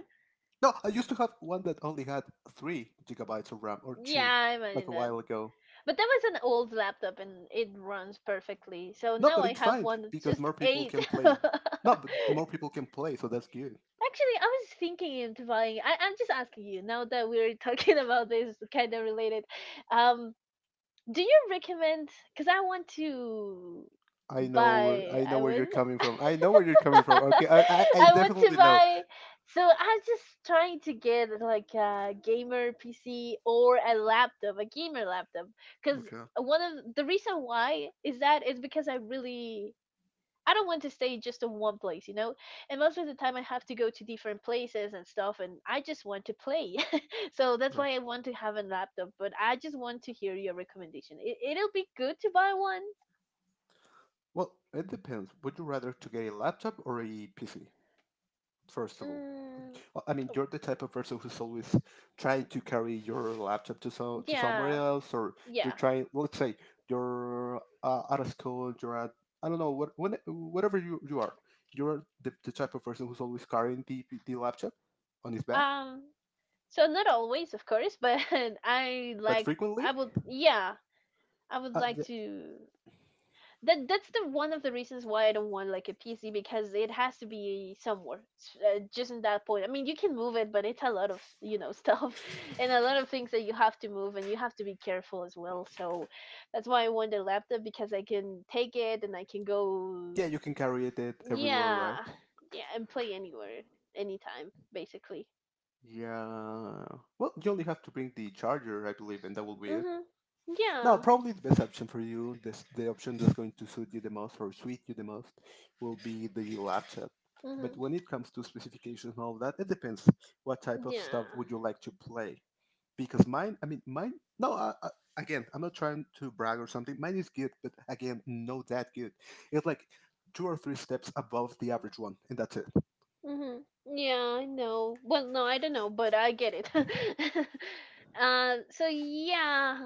Speaker 2: No, I used to have one that only had 3 gigabytes of RAM or two,
Speaker 1: Yeah, I
Speaker 2: like a
Speaker 1: imagine that.
Speaker 2: while ago.
Speaker 1: But that was an old laptop and it runs perfectly. So
Speaker 2: No,
Speaker 1: now
Speaker 2: but
Speaker 1: I
Speaker 2: it's
Speaker 1: have
Speaker 2: fine
Speaker 1: one that's
Speaker 2: because
Speaker 1: just
Speaker 2: more people
Speaker 1: 8.
Speaker 2: can
Speaker 1: Actually,
Speaker 2: play. No,
Speaker 1: I
Speaker 2: but more people can play, so that's good.
Speaker 1: was thinking into buying. I'm just asking you now that we're talking about this kind of related. Um, do you recommend? Because I want to buy.
Speaker 2: I know
Speaker 1: I
Speaker 2: where you're
Speaker 1: would.
Speaker 2: coming from. I know where you're coming from. Okay, I
Speaker 1: I want
Speaker 2: definitely
Speaker 1: to
Speaker 2: know.
Speaker 1: buy. So I'm just trying to get like a gamer PC or a laptop, a gamer laptop. Because
Speaker 2: Okay,
Speaker 1: one of the reason why is that is because I don't want to stay just in one place, you know. And most of the time I have to go to different places and stuff, and I just want to play. So that's
Speaker 2: right.
Speaker 1: why I want to have a laptop. But I just want to hear your recommendation. It'll be good to buy one.
Speaker 2: Well, it depends. Would you rather to get a laptop or a PC? First of all.
Speaker 1: Mm,
Speaker 2: Well, I mean, you're the type of person who's always trying to carry your laptop to somewhere
Speaker 1: yeah,
Speaker 2: else, or you're
Speaker 1: yeah.
Speaker 2: trying. Let's say you're out of school, you're at I don't know what when whatever you are, you're the type of person who's always carrying the laptop on his back,
Speaker 1: Um, so not always, of course, but I
Speaker 2: but
Speaker 1: like I
Speaker 2: frequently.
Speaker 1: would, yeah, I would
Speaker 2: Uh,
Speaker 1: like
Speaker 2: the,
Speaker 1: to that. That's the one of the reasons why I don't want like a PC because it has to be somewhere just in that point. I mean, you can move it, but it's a lot of, stuff and a lot of things that you have to move and you have to be careful as well. So that's why I want a laptop because I can take it and I can go
Speaker 2: yeah, you can carry it everywhere, right?
Speaker 1: yeah, yeah, and play anywhere, anytime basically.
Speaker 2: Yeah. Well, you only have to bring the charger, I believe, and that will be it.
Speaker 1: Mhm.
Speaker 2: No,
Speaker 1: Yeah.
Speaker 2: probably the best option for you, this, the option that's going to suit you the most or suit you the most, will be the laptop.
Speaker 1: Mhm.
Speaker 2: But when it comes to specifications and all that, it depends what type of stuff
Speaker 1: Yeah.
Speaker 2: would you like to play. Because mine, I mean, mine, no, again, I'm not trying to brag or something. Mine is good, but again, not that good. It's like two or three steps above the average one, and that's it.
Speaker 1: Hmm. Yeah, I know. Well, no, I don't know, but I get it. So yeah,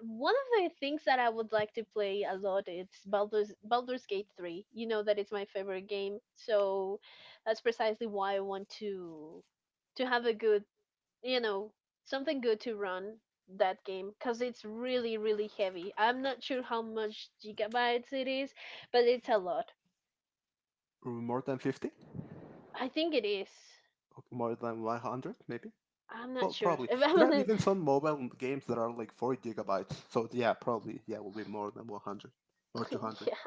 Speaker 1: one of the things that I would like to play a lot is Baldur's Gate 3. You know that it's my favorite game, so that's precisely why I want to have a good, you know, something good to run that game because it's really really heavy. I'm not sure how much gigabytes it is, but it's a lot.
Speaker 2: More than 50,
Speaker 1: I think it is.
Speaker 2: more than 100, maybe.
Speaker 1: I'm not
Speaker 2: Well,
Speaker 1: sure.
Speaker 2: probably.
Speaker 1: If I am
Speaker 2: There are
Speaker 1: gonna,
Speaker 2: even some mobile games that are like 40 gigabytes. So yeah, probably yeah, will be more than 100 or 200.
Speaker 1: yeah.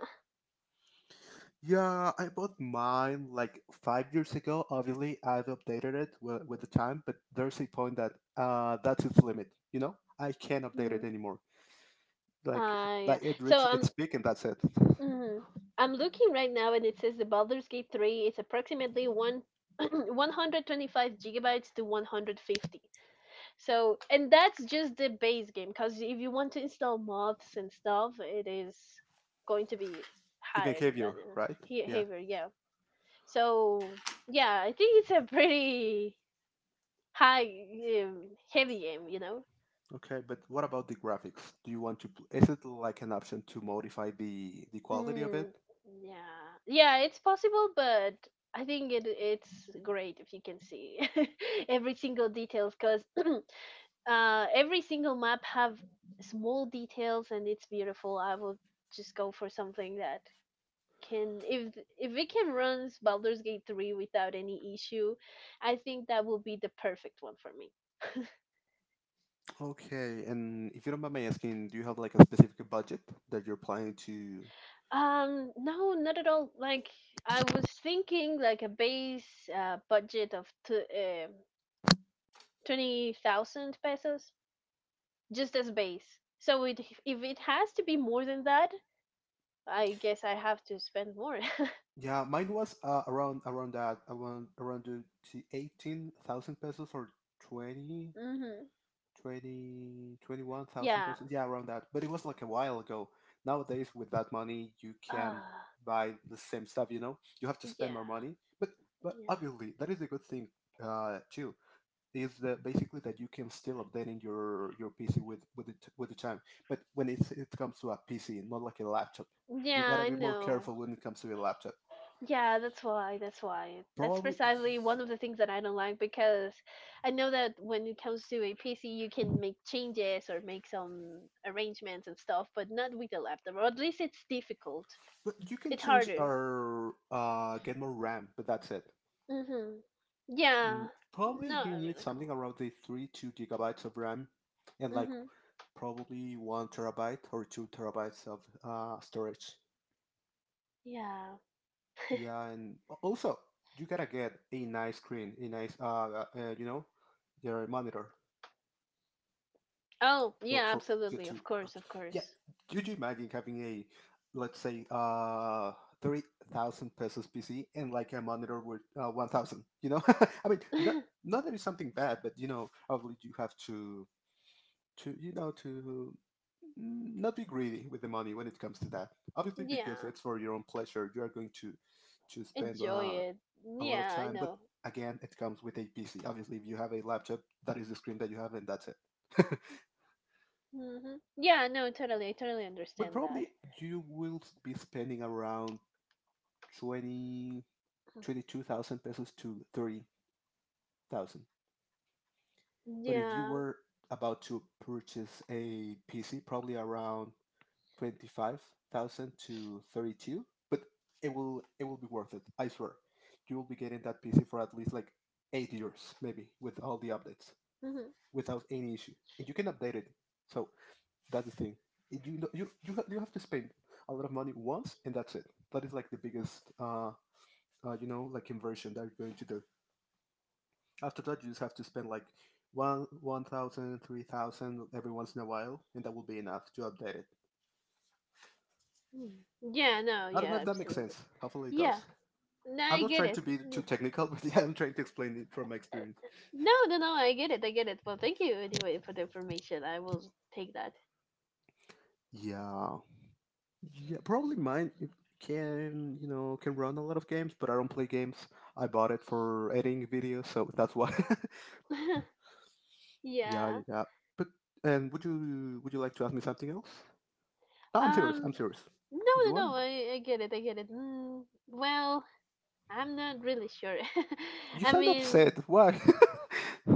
Speaker 2: Yeah, I bought mine like 5 years ago. Obviously, I've updated it with the time, but there's a point that's its limit. You know, I can't update it
Speaker 1: Mm.
Speaker 2: anymore. Like
Speaker 1: Yeah.
Speaker 2: like it
Speaker 1: So
Speaker 2: reached
Speaker 1: I'm,
Speaker 2: its peak and that's it.
Speaker 1: mhm. I'm looking right now, and it says the Baldur's Gate 3 is approximately one. 125 gigabytes to 150, so and that's just the base game because if you want to install mods and stuff it is going to be
Speaker 2: Even
Speaker 1: higher than that.
Speaker 2: heavier, right?
Speaker 1: He-
Speaker 2: Yeah.
Speaker 1: haver yeah, so yeah I think it's a pretty high um, heavy game you know.
Speaker 2: Okay, but what about the graphics? Do you want to? Is it like an option to modify the quality of it?
Speaker 1: Mm, yeah. Yeah, it's possible, but I think it 's great if you can see every single details because every single map have small details and it's beautiful. I would just go for something that can, if it can run Baldur's Gate 3 without any issue, I think that will be the perfect one for me.
Speaker 2: Okay, and if you don't mind my asking, do you have like a specific budget that you're planning to?
Speaker 1: No, not at all. Like I was thinking, like a base budget of two, 20,000 pesos, just as base. So it, if it has to be more than that, I guess I have to spend more.
Speaker 2: Yeah, mine was around around that around around the 18,000 pesos or 20
Speaker 1: Mm-hmm.
Speaker 2: twenty one thousand
Speaker 1: Yeah.
Speaker 2: pesos. Yeah, around that. But it was like a while ago. Nowadays, with that money, you can
Speaker 1: Uh,
Speaker 2: buy the same stuff. You know, you have to spend more
Speaker 1: yeah.
Speaker 2: money. But
Speaker 1: Yeah.
Speaker 2: obviously, that is a good thing, too. Is that basically that you can still updating your PC with the time. But when it comes to a PC, not like a laptop, you
Speaker 1: Yeah,
Speaker 2: gotta
Speaker 1: I
Speaker 2: be more
Speaker 1: know.
Speaker 2: careful when it comes to a laptop.
Speaker 1: Yeah, that's why. That's why. That's
Speaker 2: Probably,
Speaker 1: precisely one of the things that I don't like because I know that when it comes to a PC, you can make changes or make some arrangements and stuff, but not with a laptop. Or at least it's difficult.
Speaker 2: but you can
Speaker 1: It's
Speaker 2: change
Speaker 1: harder.
Speaker 2: or get more RAM, but that's it.
Speaker 1: Mhm.
Speaker 2: Mm,
Speaker 1: Yeah.
Speaker 2: Probably
Speaker 1: No,
Speaker 2: you need
Speaker 1: really
Speaker 2: something
Speaker 1: cool.
Speaker 2: around the 32 GB of RAM, and like
Speaker 1: Mhm.
Speaker 2: probably one terabyte or two terabytes of storage.
Speaker 1: Yeah.
Speaker 2: Yeah, and also you gotta get a nice screen, a nice their monitor
Speaker 1: Oh,
Speaker 2: for
Speaker 1: yeah,
Speaker 2: for you
Speaker 1: absolutely.
Speaker 2: to.
Speaker 1: Of course, of
Speaker 2: Yeah,
Speaker 1: course.
Speaker 2: could you imagine having a, let's say, 3,000 pesos PC and like a monitor with 1,000? You know, I mean, not not that it's something bad, but obviously you have to to you know to not be greedy with the money when it comes to that. Obviously, because
Speaker 1: yeah.
Speaker 2: it's for your own pleasure, you are going to spend,
Speaker 1: Enjoy it.
Speaker 2: a lot of
Speaker 1: Yeah, I
Speaker 2: time, but
Speaker 1: know.
Speaker 2: again, it comes with a PC. Obviously, if you have a laptop, that is the screen that you have, and that's it.
Speaker 1: Mhm. Yeah, no, totally. I totally
Speaker 2: But
Speaker 1: understand
Speaker 2: probably
Speaker 1: that.
Speaker 2: you will be spending around 20, 22,000 pesos to 30,000. But if you
Speaker 1: Yeah.
Speaker 2: were about to purchase a PC, probably around 25,000 to 32, but it will be worth it, I swear. You will be getting that PC for at least like 8 years maybe with all the updates,
Speaker 1: Mhm.
Speaker 2: without any issue, and you can update it. So that's the thing. You have to spend a lot of money once, and that's it. That is like the biggest, like, conversion that you're going to do. After that, you just have to spend like one thousand, 3,000 every once in a while, and that will be enough to update it.
Speaker 1: Mm. Yeah, no,
Speaker 2: I don't know
Speaker 1: yeah,
Speaker 2: if that makes
Speaker 1: absolutely.
Speaker 2: sense. Hopefully, it does.
Speaker 1: Yeah. No,
Speaker 2: I'm
Speaker 1: I
Speaker 2: not
Speaker 1: get
Speaker 2: trying
Speaker 1: it.
Speaker 2: to be too
Speaker 1: N-
Speaker 2: technical, but yeah, I'm trying to explain it from my
Speaker 1: uh,
Speaker 2: experience.
Speaker 1: uh, No, no, no, I get it. I get it. Well, thank you anyway for the information. I will take that.
Speaker 2: Yeah. Yeah, probably mine it can you know can run a lot of games, but I don't play games. I bought it for editing videos, so that's why. Yeah, yeah,
Speaker 1: yeah.
Speaker 2: yeah. But and would you, like to ask me something else? No, I'm serious. I'm
Speaker 1: Um,
Speaker 2: serious.
Speaker 1: no,
Speaker 2: If you
Speaker 1: no,
Speaker 2: want.
Speaker 1: no. I get it. I get it. Mm, well, I'm not really sure.
Speaker 2: You
Speaker 1: I
Speaker 2: sound
Speaker 1: mean,
Speaker 2: upset. Why?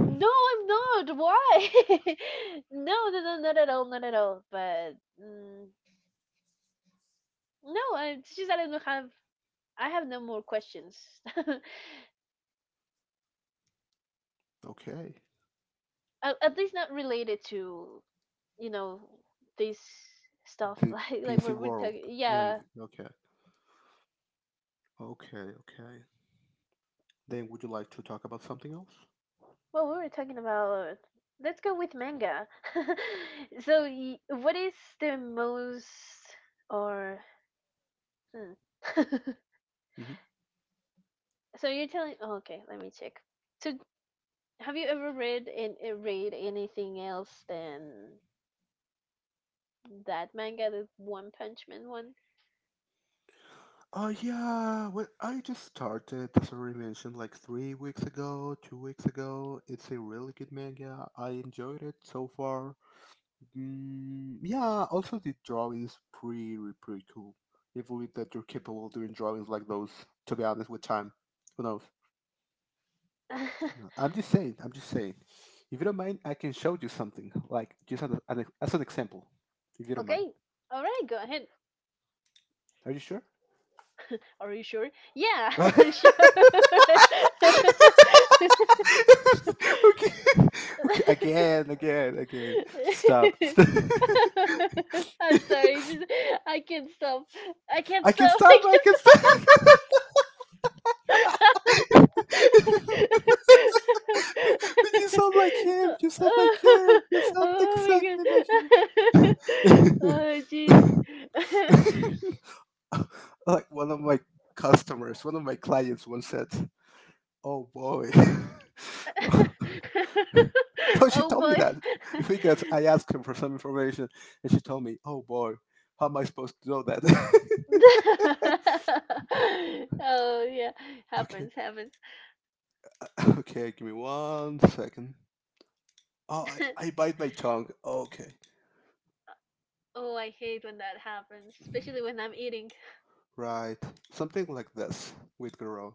Speaker 1: no, I'm not. Why? no, no, no, not at all. Not at all. But mm, no, it's just that I don't have. I have no more questions.
Speaker 2: Okay,
Speaker 1: At least not related to you know this stuff.
Speaker 2: the
Speaker 1: Like
Speaker 2: PC
Speaker 1: what we're
Speaker 2: world,
Speaker 1: talking.
Speaker 2: and
Speaker 1: Yeah,
Speaker 2: okay, okay, okay. Then would you like to talk about something else?
Speaker 1: well, we were talking about. Let's go with manga. so, y- what is the most or hmm.
Speaker 2: Mm-hmm.
Speaker 1: so you're telling? Oh, okay, let me check. So, have you ever read and read anything else than that manga, the One Punch Man one?
Speaker 2: Yeah, well, I just started, as I already mentioned, like 3 weeks ago, 2 weeks ago. It's a really good manga. I enjoyed it so far. Mm, yeah, also the drawing is pretty, pretty cool. You believe that you're capable of doing drawings like those, to be honest, with time. Who knows?
Speaker 1: Okay,
Speaker 2: No, I'm just saying, I'm just saying. If you don't mind, I can show you something, like just as an example, if you don't mind.
Speaker 1: all right, go ahead.
Speaker 2: Are you sure?
Speaker 1: Are you sure? Yeah,
Speaker 2: Okay.
Speaker 1: sure.
Speaker 2: Okay. Again, again, again. Stop. Stop.
Speaker 1: I'm sorry, just I can't stop. I can't
Speaker 2: I can
Speaker 1: stop. I
Speaker 2: stop. I
Speaker 1: can't
Speaker 2: can stop.
Speaker 1: stop.
Speaker 2: But you sound like him. You sound like him. You sound
Speaker 1: Oh my god.
Speaker 2: exactly like
Speaker 1: Oh jeez.
Speaker 2: him. Like one of my customers, one of my clients once said, "Oh boy." So she
Speaker 1: Oh
Speaker 2: told me that,
Speaker 1: boy.
Speaker 2: because I asked her for some information, and she told me, "Oh boy, how am I supposed to know that?"
Speaker 1: Oh yeah,
Speaker 2: Okay,
Speaker 1: happens, happens.
Speaker 2: okay, give me one second. Oh, I bite my tongue. Okay,
Speaker 1: Oh, I hate when that happens, especially when I'm eating.
Speaker 2: right, something like this. Wait, girl,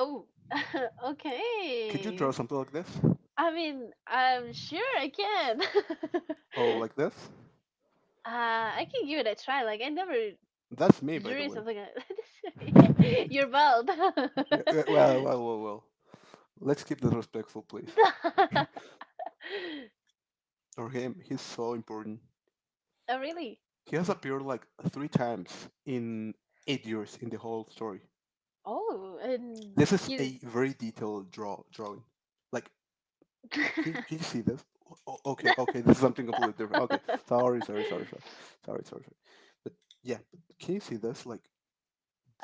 Speaker 1: Oh,
Speaker 2: could you draw
Speaker 1: okay.
Speaker 2: something like this
Speaker 1: I mean, I'm sure I can.
Speaker 2: or like this?
Speaker 1: I can give it a try. Like I never
Speaker 2: That's me, by the
Speaker 1: drew
Speaker 2: way.
Speaker 1: something like this. You're bald.
Speaker 2: Yeah, well. Let's keep this respectful, please. Or him. He's so important.
Speaker 1: Oh really?
Speaker 2: He has appeared like three times in 8 years in the whole story.
Speaker 1: Oh, and
Speaker 2: This is
Speaker 1: he's.
Speaker 2: a very detailed drawing. Like, can you, can you see this? Okay, okay, this is something completely different. Okay,
Speaker 1: uh,
Speaker 2: sorry, sorry, sorry, sorry, sorry, sorry, sorry. But yeah, can you see this? Like,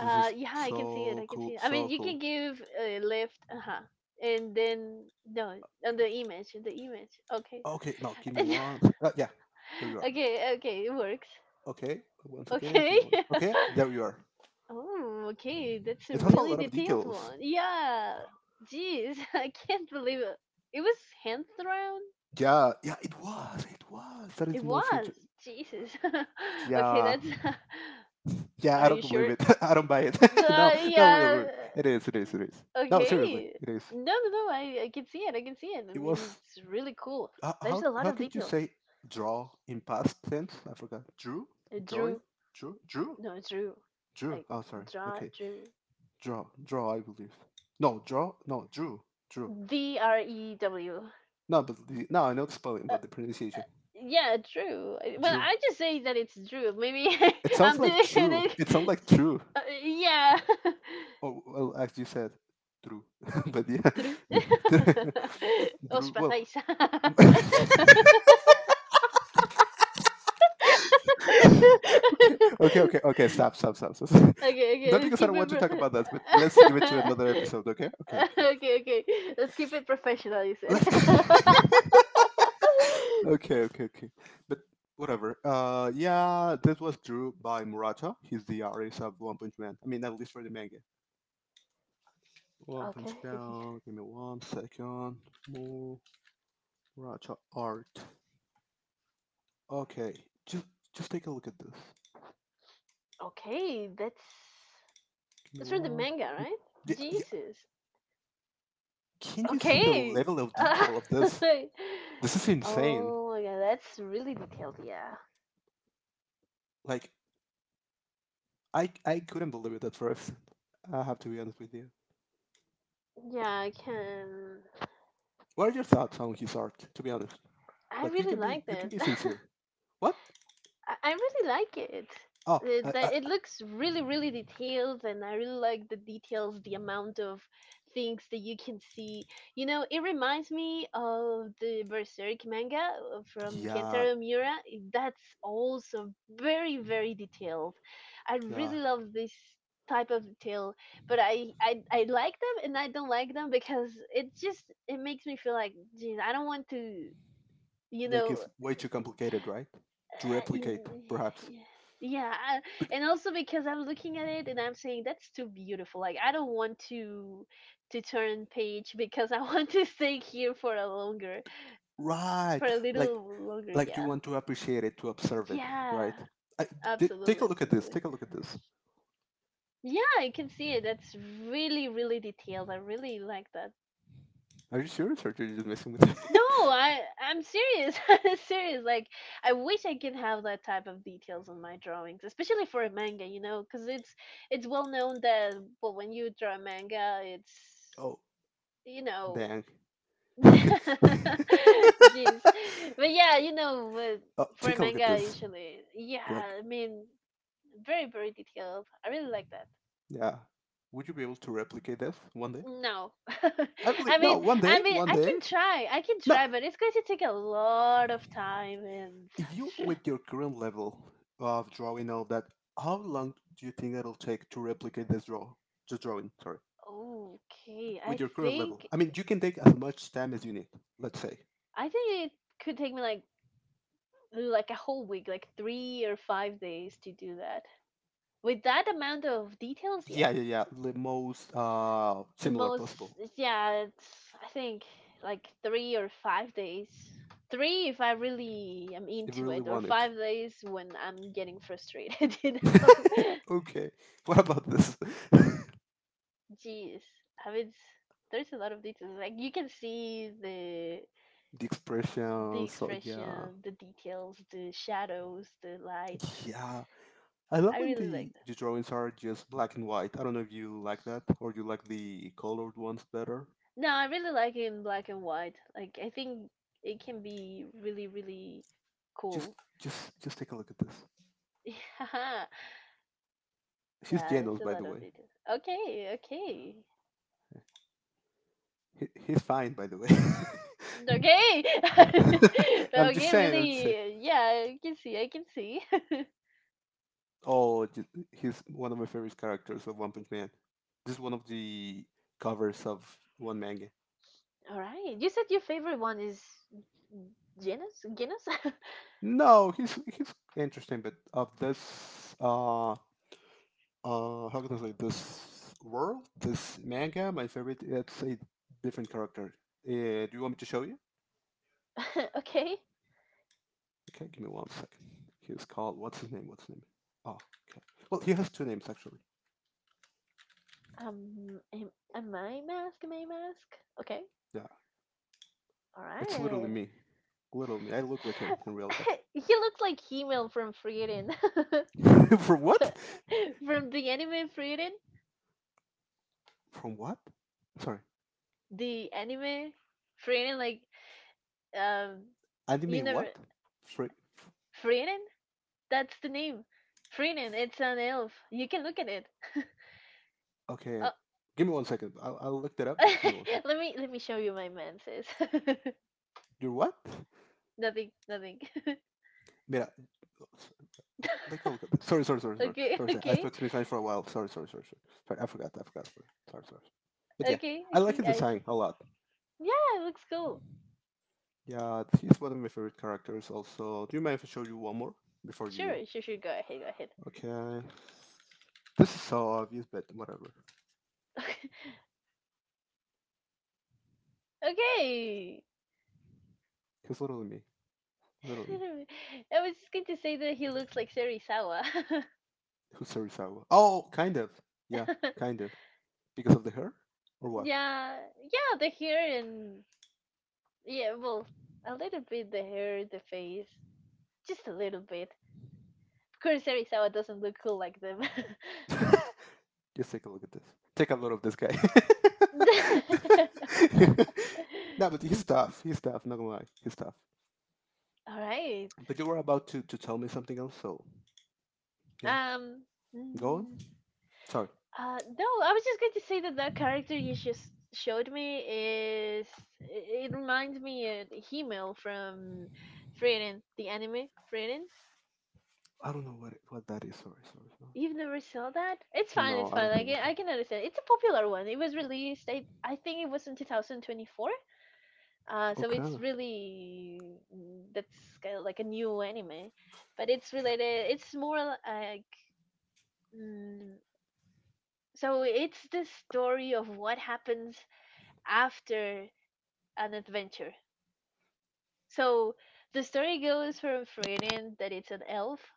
Speaker 2: this is
Speaker 1: I can see it.
Speaker 2: so
Speaker 1: I can see
Speaker 2: cool,
Speaker 1: it. I mean,
Speaker 2: so
Speaker 1: you can
Speaker 2: cool.
Speaker 1: give a lift. Uh huh. And then no, on the image, the image. Okay.
Speaker 2: Okay, now give me one. Yeah, there you are.
Speaker 1: Okay, okay, it works.
Speaker 2: Okay, once again, give me
Speaker 1: Okay.
Speaker 2: one. Okay, there you are.
Speaker 1: Oh, okay, that's a
Speaker 2: It has a
Speaker 1: really
Speaker 2: lot of
Speaker 1: detailed
Speaker 2: details.
Speaker 1: one. Yeah. Jeez, I can't believe it. It was hand drawn?
Speaker 2: Yeah, yeah, it was. That
Speaker 1: It
Speaker 2: is most interesting.
Speaker 1: was. Jesus. Okay,
Speaker 2: Yeah,
Speaker 1: that's
Speaker 2: yeah,
Speaker 1: Are
Speaker 2: I don't
Speaker 1: you
Speaker 2: believe
Speaker 1: sure?
Speaker 2: it. I don't buy it. No, not real, real.
Speaker 1: Yeah.
Speaker 2: It is. It is. It is. No, seriously,
Speaker 1: Okay.
Speaker 2: it is.
Speaker 1: No, no, no. I can see it. I can see it. I
Speaker 2: It
Speaker 1: mean,
Speaker 2: was.
Speaker 1: it's really cool.
Speaker 2: How
Speaker 1: There's
Speaker 2: how,
Speaker 1: a lot
Speaker 2: how
Speaker 1: of
Speaker 2: could you
Speaker 1: details.
Speaker 2: say draw in past tense? I forgot. Drew, drawing,
Speaker 1: Drew.
Speaker 2: drew, drew,
Speaker 1: No, drew.
Speaker 2: drew.
Speaker 1: Like
Speaker 2: Oh, sorry.
Speaker 1: draw,
Speaker 2: Okay,
Speaker 1: drew.
Speaker 2: draw, draw. I believe. No, draw. No, drew, drew.
Speaker 1: D R E W.
Speaker 2: No, but no, I know the spelling, but the pronunciation.
Speaker 1: Yeah, true. I- Well,
Speaker 2: Drew.
Speaker 1: I just say that it's true. Maybe
Speaker 2: It sounds
Speaker 1: I'm
Speaker 2: like
Speaker 1: doing
Speaker 2: true.
Speaker 1: it.
Speaker 2: It sounds like
Speaker 1: S-
Speaker 2: true.
Speaker 1: Yeah,
Speaker 2: Oh, well, as you said, true. But
Speaker 1: true.
Speaker 2: yeah, drew. Well,
Speaker 1: Ospathaisa.
Speaker 2: okay, okay, okay, okay. Stop, stop, stop, stop, stop.
Speaker 1: okay, okay,
Speaker 2: Not
Speaker 1: let's
Speaker 2: because I
Speaker 1: keep
Speaker 2: don't
Speaker 1: it.
Speaker 2: want to talk
Speaker 1: Pro-
Speaker 2: about that, but let's give it to another episode. Okay, okay, okay.
Speaker 1: okay, okay, let's keep it professional. You said.
Speaker 2: Let's. Okay, okay, okay. But whatever. Yeah, this was drew by Murata. He's the artist of One Punch Man. I mean, at least for the manga. One
Speaker 1: okay,
Speaker 2: Punch Man. Give me one second. Murata art. Okay, just just take a look at this.
Speaker 1: okay,
Speaker 2: Give me
Speaker 1: that's from the
Speaker 2: one.
Speaker 1: manga, right?
Speaker 2: Yeah, yeah.
Speaker 1: Jesus.
Speaker 2: Can you see the
Speaker 1: Okay.
Speaker 2: level of detail of this? This is insane.
Speaker 1: Oh my god, that's really detailed. Yeah.
Speaker 2: Like I couldn't believe it at first. I have to be honest with you.
Speaker 1: Yeah, I can.
Speaker 2: What are your thoughts on his art? To be honest,
Speaker 1: I
Speaker 2: like you
Speaker 1: really
Speaker 2: can be
Speaker 1: like
Speaker 2: you can
Speaker 1: that.
Speaker 2: be sincere. What?
Speaker 1: I really like it.
Speaker 2: Oh,
Speaker 1: It, the- it looks really, really detailed, and I really like the details, the amount of things that you can see. You know, it reminds me of the Berserk manga from
Speaker 2: yeah,
Speaker 1: Kentaro Miura. It- That's also very, very detailed. I
Speaker 2: yeah.
Speaker 1: really love this type of detail, but I like them and I don't like them because it just it makes me feel like, geez, I don't want to, you
Speaker 2: Like
Speaker 1: know,
Speaker 2: it's way too complicated, right? To replicate,
Speaker 1: in-
Speaker 2: perhaps.
Speaker 1: yeah, yeah, I- and also because I'm looking at it and I'm saying that's too beautiful. Like I don't want to turn page because I want to stay here for a longer,
Speaker 2: Right.
Speaker 1: for a
Speaker 2: Like
Speaker 1: little longer.
Speaker 2: like you
Speaker 1: Yeah,
Speaker 2: want to appreciate it, to observe it, right?
Speaker 1: yeah,
Speaker 2: I, Take a
Speaker 1: absolutely,
Speaker 2: look at this.
Speaker 1: absolutely.
Speaker 2: Take a look at this.
Speaker 1: Yeah, I can see it. That's really, really detailed. I really like that.
Speaker 2: Are you serious, or are you just messing with me?
Speaker 1: No, I'm serious. I'm serious. Like I wish I can have that type of details on my drawings, especially for a manga, you know, cuz it's well known that well when you draw a manga, it's
Speaker 2: Oh,
Speaker 1: you know,
Speaker 2: dang.
Speaker 1: jeez. But yeah, you know, but
Speaker 2: Oh,
Speaker 1: for a
Speaker 2: take a look at
Speaker 1: manga
Speaker 2: this.
Speaker 1: usually. Yeah,
Speaker 2: Like.
Speaker 1: I mean, very very detailed. I really like that.
Speaker 2: Yeah. Would you be able to replicate that one day?
Speaker 1: No.
Speaker 2: I
Speaker 1: I
Speaker 2: believe no.
Speaker 1: mean,
Speaker 2: One
Speaker 1: I
Speaker 2: day.
Speaker 1: mean,
Speaker 2: One
Speaker 1: I
Speaker 2: day.
Speaker 1: can try. I can
Speaker 2: No.
Speaker 1: try, but it's going to take a lot of time and
Speaker 2: If you, with your current level of drawing all that, how long do you think it'll take to replicate this draw? The drawing. Sorry.
Speaker 1: Oh, okay,
Speaker 2: With your current level, I mean, you can take as much time as you need. Let's say.
Speaker 1: I think it could take me like a whole week, like 3 or 5 days to do that. With that amount of details, yeah.
Speaker 2: Yeah, yeah, yeah. The most
Speaker 1: The
Speaker 2: similar
Speaker 1: most,
Speaker 2: possible.
Speaker 1: yeah, it's, I think like 3 or 5 days. Three if I really am
Speaker 2: If you
Speaker 1: into
Speaker 2: really
Speaker 1: it, or
Speaker 2: want
Speaker 1: 5 days when I'm getting frustrated, you know.
Speaker 2: it. Okay. What about this? The
Speaker 1: Jeez, I mean, it's- there's a lot of details. Like you can see the
Speaker 2: expression. So yeah.
Speaker 1: expression, the details, the shadows, the lights.
Speaker 2: Yeah. I love
Speaker 1: I
Speaker 2: when
Speaker 1: really
Speaker 2: the,
Speaker 1: like that.
Speaker 2: the drawings are just black and white. I don't know if you like that or you like the colored ones better.
Speaker 1: No, I really like it in black and white. Like I think it can be really, really
Speaker 2: Just
Speaker 1: cool.
Speaker 2: just take a look at this. She's
Speaker 1: Yeah, there's
Speaker 2: Genos,
Speaker 1: a
Speaker 2: by
Speaker 1: lot
Speaker 2: the
Speaker 1: of
Speaker 2: way.
Speaker 1: details. Okay, okay.
Speaker 2: He's fine, by the way.
Speaker 1: Okay.
Speaker 2: I'm just
Speaker 1: okay,
Speaker 2: saying. I'm just saying.
Speaker 1: really yeah, I can see, I can see.
Speaker 2: Oh, he's one of my favorite characters of One Punch Man. This is one of the covers of one manga.
Speaker 1: Alright. You said your favorite one is Genus? Genus?
Speaker 2: No, he's interesting, but of this, how can I say, this world, this manga, my favorite, it's a different character. Uh, do you want me to show you?
Speaker 1: okay.
Speaker 2: Okay, give me one second. He's called, what's his name? What's his name? Oh, okay. Well, he has two names actually.
Speaker 1: Am I mask? Am I mask? Okay.
Speaker 2: Yeah.
Speaker 1: All
Speaker 2: It's literally
Speaker 1: right.
Speaker 2: me. Literally me. I look like him in real
Speaker 1: He looks like Himmel from Frieren.
Speaker 2: life. From what?
Speaker 1: From the anime Frieren?
Speaker 2: From what? Sorry.
Speaker 1: The anime Frieren, like, um,
Speaker 2: Anime
Speaker 1: you never.
Speaker 2: what? Free.
Speaker 1: Frieren? That's the name. Frieren, it's an elf. You can look at it.
Speaker 2: Okay.
Speaker 1: Oh,
Speaker 2: Give me one second. I'll look that up, but give me one.
Speaker 1: let me show you my man says.
Speaker 2: You're what?
Speaker 1: nothing, nothing.
Speaker 2: Mira, like a look at this. Sorry, sorry, sorry, sorry,
Speaker 1: okay,
Speaker 2: sorry, sorry. I
Speaker 1: okay,
Speaker 2: spoke Spanish for a while. Sorry, sorry, sorry, sorry. Sorry, I forgot, I forgot. I forgot. Sorry, sorry. But yeah,
Speaker 1: okay,
Speaker 2: I like
Speaker 1: okay.
Speaker 2: his
Speaker 1: I can
Speaker 2: design
Speaker 1: see
Speaker 2: a
Speaker 1: it.
Speaker 2: lot.
Speaker 1: Yeah, it looks cool.
Speaker 2: Yeah, he's one of my favorite characters. Also, do you mind if I show you one more before you?
Speaker 1: Sure, sure, sure. Go ahead,
Speaker 2: Okay. This is so obvious, but whatever.
Speaker 1: go ahead. okay,
Speaker 2: He's literally me.
Speaker 1: I
Speaker 2: Literally me.
Speaker 1: don't know. I was just going to say that he looks like Serizawa.
Speaker 2: Who's Serizawa? Oh, kind of. Yeah, kind of. Because of the hair, or what?
Speaker 1: yeah, yeah, the hair and yeah, well, a little bit the hair, the face, just a little bit. Of course, Serizawa doesn't look cool like them.
Speaker 2: Just take a look at this. Take a look of this guy. No, but he's tough. He's tough. Not gonna lie, he's tough.
Speaker 1: All right.
Speaker 2: But you were about to tell me something else, so yeah,
Speaker 1: Um.
Speaker 2: go on.
Speaker 1: Mm,
Speaker 2: Sorry,
Speaker 1: uh. No, I was just going to say that that character you just showed me is it it reminds me of Himel from Frieren, the anime Frieren.
Speaker 2: I don't know what it, what that is. Sorry, sorry, sorry.
Speaker 1: You've never saw that? It's fine, it's
Speaker 2: No, I
Speaker 1: fine.
Speaker 2: don't
Speaker 1: I
Speaker 2: think
Speaker 1: can I
Speaker 2: so.
Speaker 1: can understand. It's a popular one. It was released I think it was in 2024. So
Speaker 2: Okay.
Speaker 1: it's
Speaker 2: I'm
Speaker 1: really mm, that's kind of like a new anime, but it's related it's more like mm, so it's the story of what happens after an adventure. So the story goes from Freyden that it's an elf.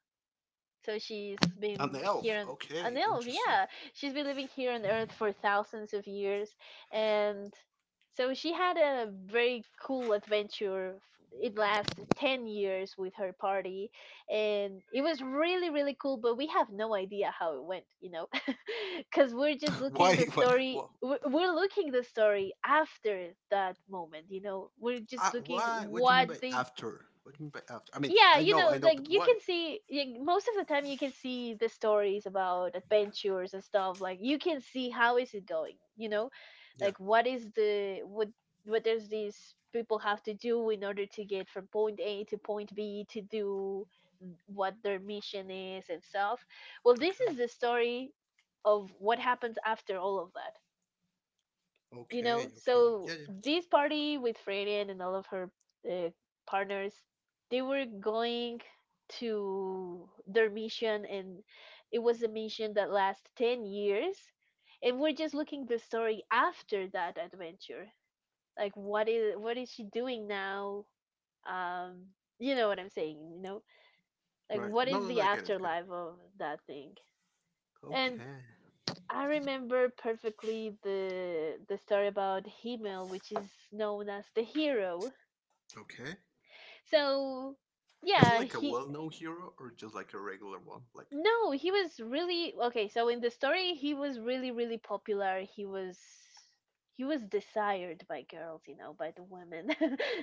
Speaker 1: So she's been
Speaker 2: the
Speaker 1: here
Speaker 2: elf.
Speaker 1: on an
Speaker 2: Okay,
Speaker 1: elf,
Speaker 2: interesting.
Speaker 1: yeah. She's been living here on Earth for thousands of years, and so she had a very cool adventure. It lasted 10 years with her party, and it was really, really cool. But we have no idea how it went, you know, because we're just looking
Speaker 2: Why?
Speaker 1: the
Speaker 2: Why?
Speaker 1: story.
Speaker 2: Well,
Speaker 1: We're looking the story after that moment, you know. We're just looking
Speaker 2: why? What do you mean
Speaker 1: what
Speaker 2: by
Speaker 1: they.
Speaker 2: after? What do you mean by after?
Speaker 1: Yeah.
Speaker 2: I know,
Speaker 1: Like,
Speaker 2: but
Speaker 1: you
Speaker 2: why?
Speaker 1: can see, like, most of the time you can see the stories about adventures and stuff, like you can see how is it going.
Speaker 2: Yeah.
Speaker 1: Like, what does these people have to do in order to get from point A to point B to do what their mission is and stuff. Well, this
Speaker 2: Okay.
Speaker 1: is the story of what happens after all of that you know
Speaker 2: Okay. Okay.
Speaker 1: so
Speaker 2: Yeah. Yeah.
Speaker 1: this party with Fredian and all of her uh, partners, they were going to their mission, and it was a mission that lasts 10 years. And we're just looking the story after that adventure, like what is she doing now. um you know what I'm saying. Like,
Speaker 2: Right.
Speaker 1: what
Speaker 2: No.
Speaker 1: is
Speaker 2: No.
Speaker 1: the
Speaker 2: No, I get it. Get it.
Speaker 1: afterlife of that thing?
Speaker 2: Okay.
Speaker 1: And I remember perfectly the story about Himmel, which is known as the hero.
Speaker 2: Okay.
Speaker 1: So,
Speaker 2: Is it
Speaker 1: yeah,
Speaker 2: like a
Speaker 1: he
Speaker 2: well-known hero or just like a regular one? Like,
Speaker 1: no, he was really okay. So in the story, he was really, really popular. He was desired by girls, by the women.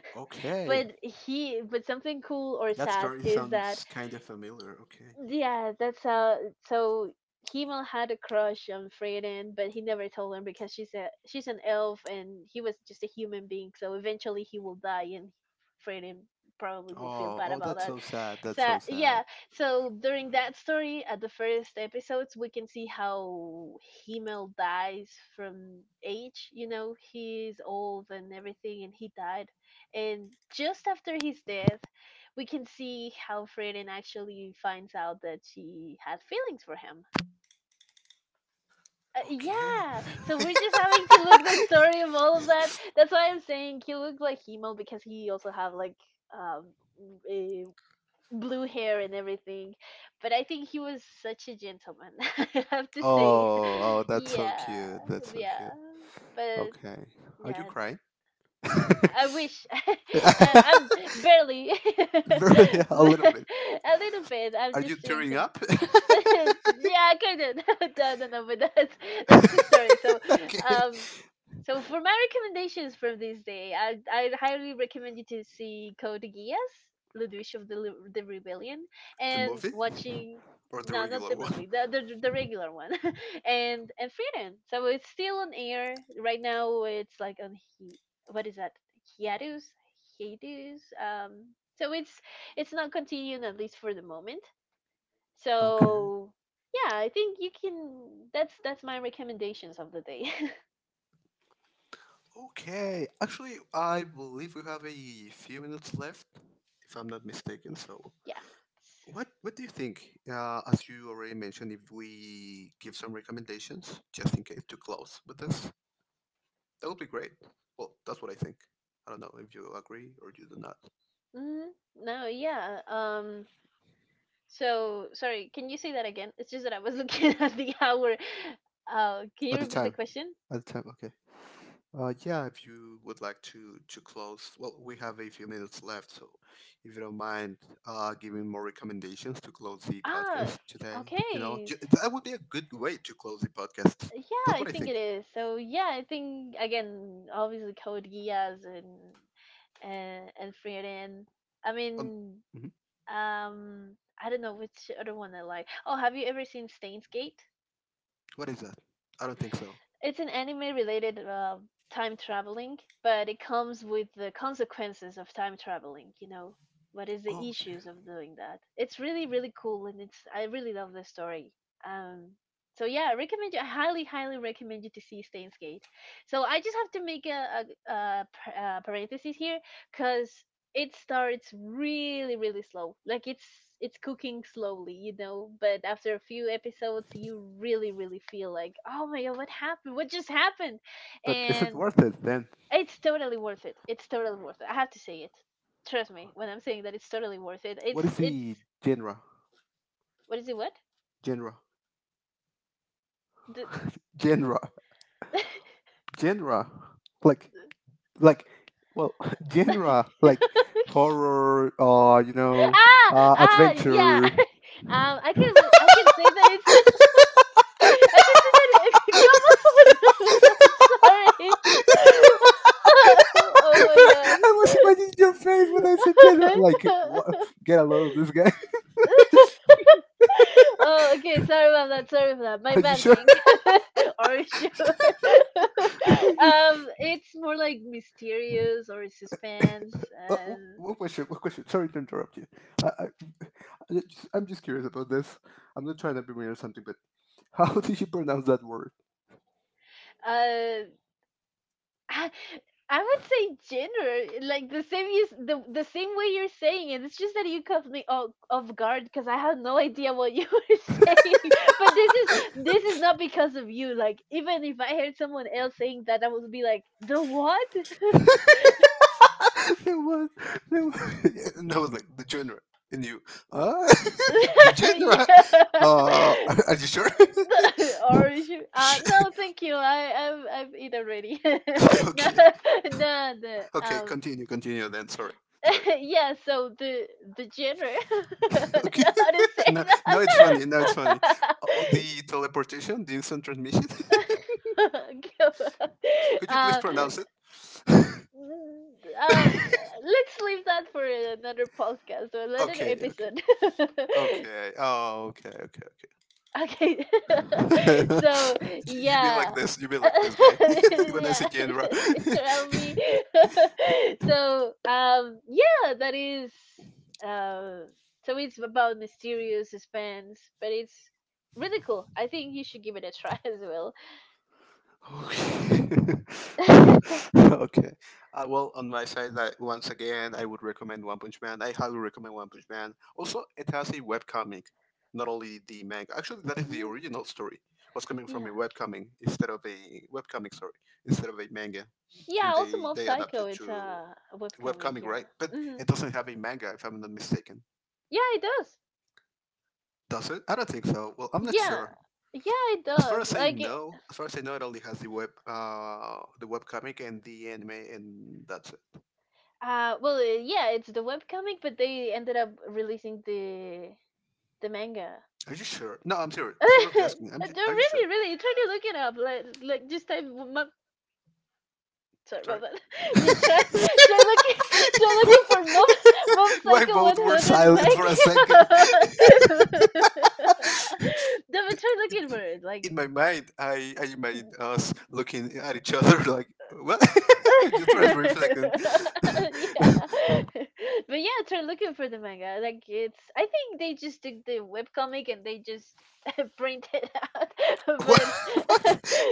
Speaker 2: okay,
Speaker 1: but he but something cool or
Speaker 2: that
Speaker 1: sad
Speaker 2: story
Speaker 1: is that.
Speaker 2: sounds kind of familiar. Okay, okay.
Speaker 1: Yeah, that's how. So Himmel had a crush on Freydin, but he never told her because she's an elf and he was just a human being. So eventually he will die, and Freydin probably will feel
Speaker 2: Oh,
Speaker 1: bad
Speaker 2: oh,
Speaker 1: about
Speaker 2: that's
Speaker 1: that.
Speaker 2: so sad. That's
Speaker 1: So
Speaker 2: so sad.
Speaker 1: yeah, so during that story, at the first episodes, we can see how Himmel dies from age. He's old and everything, and he died. And just after his death, we can see how Freden actually finds out that she had feelings for him.
Speaker 2: Okay.
Speaker 1: Yeah, so we're just having to look the story of all of that. That's why I'm saying he looked like Himo because he also have like um eh, blue hair and everything. But I think he was such a gentleman. I have to say,
Speaker 2: oh, oh, that's so
Speaker 1: yeah,
Speaker 2: cute. That's so
Speaker 1: yeah.
Speaker 2: cute.
Speaker 1: But
Speaker 2: Okay. Are you
Speaker 1: yeah,
Speaker 2: crying?
Speaker 1: I wish. I'm barely
Speaker 2: Very, yeah,
Speaker 1: a
Speaker 2: a little bit.
Speaker 1: little bit. I'm
Speaker 2: Are you
Speaker 1: just doing
Speaker 2: tearing
Speaker 1: some.
Speaker 2: up?
Speaker 1: yeah, kind of. No, no, no, but that's
Speaker 2: okay.
Speaker 1: the story. Um, so, for my recommendations from this day, I highly recommend you to see Code Geass, Ludwig of the Rebellion,
Speaker 2: The
Speaker 1: and
Speaker 2: movie
Speaker 1: watching.
Speaker 2: or the
Speaker 1: No, not
Speaker 2: regular
Speaker 1: the
Speaker 2: one?
Speaker 1: movie, the regular one, and Freedom. So it's still on air right now. It's like on what is that? Hiatus, hiatus. So it's not continuing at least for the moment,
Speaker 2: Okay.
Speaker 1: so yeah, I think you can. That's my recommendations of the day.
Speaker 2: Okay, actually, I believe we have a few minutes left, if I'm not mistaken. So,
Speaker 1: yeah.
Speaker 2: what do you think? As you already mentioned, if we give some recommendations, just in case to close with this, that would be great. Well, that's what I think. I don't know if you agree or you do not.
Speaker 1: Mm, no. Yeah. So sorry. Can you say that again? It's just that I was looking at the hour. Can you
Speaker 2: At the
Speaker 1: repeat the
Speaker 2: time.
Speaker 1: question?
Speaker 2: At the time, okay. Yeah, if you would like to close, well, we have a few minutes left, so if you don't mind, giving more recommendations to close the
Speaker 1: Ah.
Speaker 2: podcast today, you know,
Speaker 1: Okay.
Speaker 2: that would be a good way to close the podcast.
Speaker 1: Yeah,
Speaker 2: That's
Speaker 1: I
Speaker 2: what I
Speaker 1: think
Speaker 2: think.
Speaker 1: it is. So yeah, I think again, obviously Code Geass and and Frieren. I
Speaker 2: Um,
Speaker 1: mean,
Speaker 2: mhm.
Speaker 1: Um, I don't know which other one I like. Oh, have you ever seen Steins Gate?
Speaker 2: What is that? I don't think so.
Speaker 1: It's an anime related time traveling, but it comes with the consequences of time traveling. What is the
Speaker 2: Oh, okay.
Speaker 1: issues of doing that? It's really, really cool, and it's I really love the story. Um, so yeah, I recommend you. I highly, highly recommend you to see Steins Gate. So I just have to make a parenthesis here because it starts really, really slow, like it's cooking slowly, but after a few episodes you really, really feel like, oh my god, what happened, what just happened.
Speaker 2: But is it
Speaker 1: And
Speaker 2: worth it then?
Speaker 1: it's totally worth it. It's totally worth it. I have to say it. Trust me when I'm saying that. It's totally worth it. it's
Speaker 2: What is
Speaker 1: it's
Speaker 2: the genre?
Speaker 1: what is it, what.
Speaker 2: Genre?
Speaker 1: The...
Speaker 2: Genre? Genre? Like like, well, genre like horror or you know
Speaker 1: yeah.
Speaker 2: adventure.
Speaker 1: I can say that it's I can consider it. Come on. Sorry. oh
Speaker 2: But
Speaker 1: my
Speaker 2: I was imagining your face when I said genre.
Speaker 1: god.
Speaker 2: Like, what? Get a load of this guy.
Speaker 1: oh, okay. Sorry about that. Sorry about that. My
Speaker 2: Are you
Speaker 1: bad,
Speaker 2: sure?
Speaker 1: gang. Are you sure? It's more like mysterious or suspense, and
Speaker 2: What question? One question? Sorry to interrupt you. I, I, I just, I'm just curious about this. I'm not trying to be mean or something, but how do you pronounce that word?
Speaker 1: uh, I, I would say general, like the same use the same way you're saying it. It's just that you caught me off guard because I had no idea what you were saying. But this is not because of you. Like, even if I heard someone else saying that, I would be like, the what?
Speaker 2: there was, there was, and I was like, the genre. And you, uh, the genre?
Speaker 1: yeah.
Speaker 2: Uh, are, are you sure?
Speaker 1: or you should,
Speaker 2: Sh-
Speaker 1: no, thank you. I've eaten already. no,
Speaker 2: okay,
Speaker 1: no, the
Speaker 2: okay,
Speaker 1: um
Speaker 2: continue then. Sorry, sorry.
Speaker 1: yeah, so the genre. I don't
Speaker 2: Okay,
Speaker 1: know how to say
Speaker 2: now, now it's funny, now it's funny.
Speaker 1: that.
Speaker 2: The teleportation, the instant transmission.
Speaker 1: Come on.
Speaker 2: Could you please
Speaker 1: uh,
Speaker 2: pronounce it?
Speaker 1: mm, um, let's leave that for another podcast or another
Speaker 2: Okay, okay.
Speaker 1: episode.
Speaker 2: Okay. Oh, okay. Okay.
Speaker 1: Okay.
Speaker 2: Okay.
Speaker 1: So,
Speaker 2: You be
Speaker 1: yeah.
Speaker 2: like this. You be like this guy. when I
Speaker 1: Yeah,
Speaker 2: say genre.
Speaker 1: that's literally me. So, yeah, that is, uh, so it's about mysterious suspense, but it's really cool. I think you should give it a try as well.
Speaker 2: Okay. okay. Well, on my side, like, once again, I would recommend One Punch Man. I highly recommend One Punch Man. Also, it has a webcomic, not only the manga. Actually, that is the
Speaker 1: Mm,
Speaker 2: original story. Was coming from a
Speaker 1: yeah.
Speaker 2: webcomic instead of a webcomic story instead of a manga.
Speaker 1: Yeah,
Speaker 2: And
Speaker 1: also
Speaker 2: they
Speaker 1: Mob
Speaker 2: they
Speaker 1: Psycho,
Speaker 2: adapted
Speaker 1: it's
Speaker 2: to
Speaker 1: a webcomic,
Speaker 2: webcomic, right?
Speaker 1: yeah.
Speaker 2: But
Speaker 1: Hmm.
Speaker 2: it doesn't have a manga, if I'm not mistaken.
Speaker 1: Yeah, it does.
Speaker 2: Does it? I don't think so. Well, I'm not
Speaker 1: Yeah.
Speaker 2: sure.
Speaker 1: Yeah, it
Speaker 2: As far
Speaker 1: does.
Speaker 2: as I
Speaker 1: Like,
Speaker 2: know, as far as I know, it only has the web, the webcomic and the anime, and that's it.
Speaker 1: Yeah, it's the webcomic, but they ended up releasing the manga.
Speaker 2: Are you sure? No, I'm serious. Seriously asking.
Speaker 1: no,
Speaker 2: Are you sure?
Speaker 1: really, really, try to look it up. Like just type mom. Sorry, mom.
Speaker 2: Sorry.
Speaker 1: You try, try looking, try looking for mom
Speaker 2: Why
Speaker 1: psycho one
Speaker 2: both were
Speaker 1: hundred
Speaker 2: silent for a second?
Speaker 1: manga. no, but try looking for it.
Speaker 2: In
Speaker 1: Like,
Speaker 2: my mind, I imagined us looking at each other like, what? Just for a brief second.
Speaker 1: yeah, but yeah, try looking for the manga. Like, it's I think they just did the webcomic and they just print it out.
Speaker 2: what?
Speaker 1: but
Speaker 2: what?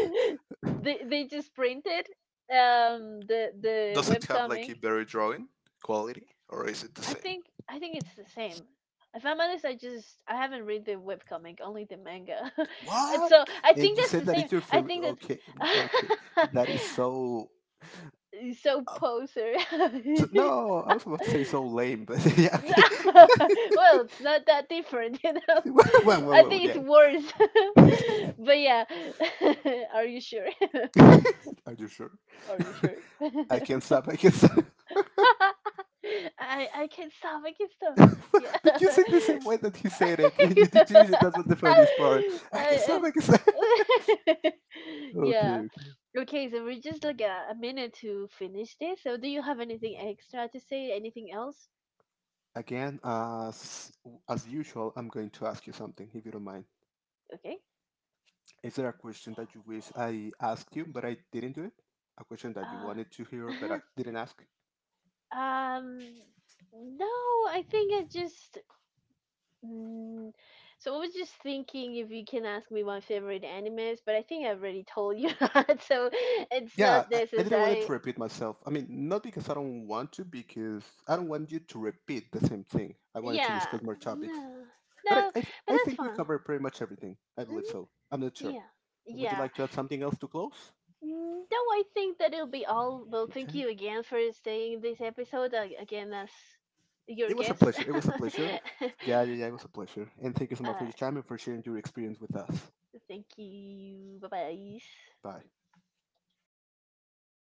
Speaker 1: they just printed the
Speaker 2: Does it have like a
Speaker 1: webcomic.
Speaker 2: better drawing quality, or is it the
Speaker 1: i
Speaker 2: same?
Speaker 1: think i think it's the same. If I'm honest, I haven't read the webcomic, only the manga. and so
Speaker 2: What?
Speaker 1: I
Speaker 2: And
Speaker 1: think
Speaker 2: you
Speaker 1: that's
Speaker 2: said
Speaker 1: the
Speaker 2: that
Speaker 1: same.
Speaker 2: it's your
Speaker 1: I
Speaker 2: favorite?
Speaker 1: think
Speaker 2: Okay, okay,
Speaker 1: that.
Speaker 2: that is so.
Speaker 1: so
Speaker 2: Uh,
Speaker 1: poser.
Speaker 2: no, I was about to say so lame, but yeah, okay.
Speaker 1: well, it's not that different. You know.
Speaker 2: Whoa, whoa, whoa,
Speaker 1: I
Speaker 2: whoa,
Speaker 1: think it's
Speaker 2: yeah.
Speaker 1: worse. but yeah, are you sure?
Speaker 2: Are you sure?
Speaker 1: Are you sure?
Speaker 2: I can not stop. I can not stop.
Speaker 1: I can't stop. I can't stop. Yeah.
Speaker 2: but you said the same way that he said it. Did you? That's what the funniest part.
Speaker 1: I-
Speaker 2: I can not stop.
Speaker 1: I-
Speaker 2: I can not stop. okay.
Speaker 1: yeah.
Speaker 2: okay.
Speaker 1: Okay, so we're just like a minute to finish this. So do you have anything extra to say? Anything else?
Speaker 2: Again, as usual, I'm going to ask you something if you don't mind.
Speaker 1: Okay.
Speaker 2: Is there a question that you wish I asked you, but I didn't do it? A question that you
Speaker 1: Uh
Speaker 2: wanted to hear, but I didn't ask?
Speaker 1: Um, no, I think I just. Mm, so I was just thinking if you can ask me my favorite animes, but I think I already told you that, so it's
Speaker 2: Yeah,
Speaker 1: not
Speaker 2: I didn't want it
Speaker 1: necessary.
Speaker 2: to repeat myself. I mean, not because I don't want to, because I don't want you to repeat the same thing. I wanted to
Speaker 1: Yeah,
Speaker 2: discuss more topics.
Speaker 1: no,
Speaker 2: But
Speaker 1: no, but
Speaker 2: I
Speaker 1: that's
Speaker 2: think we
Speaker 1: fine.
Speaker 2: covered pretty much everything. I believe
Speaker 1: Hmm.
Speaker 2: so. I'm not sure.
Speaker 1: Yeah,
Speaker 2: Would you
Speaker 1: yeah.
Speaker 2: like to add something else to close?
Speaker 1: Mm, no, I think that it'll be all. Well, thank
Speaker 2: Okay.
Speaker 1: you again for staying in this episode, again as your
Speaker 2: It was a
Speaker 1: guest.
Speaker 2: pleasure. It was a pleasure. Yeah, yeah, yeah, it was a pleasure. And thank you so much
Speaker 1: uh,
Speaker 2: for your time and for sharing your experience with us.
Speaker 1: Thank you. Bye bye.
Speaker 2: Bye.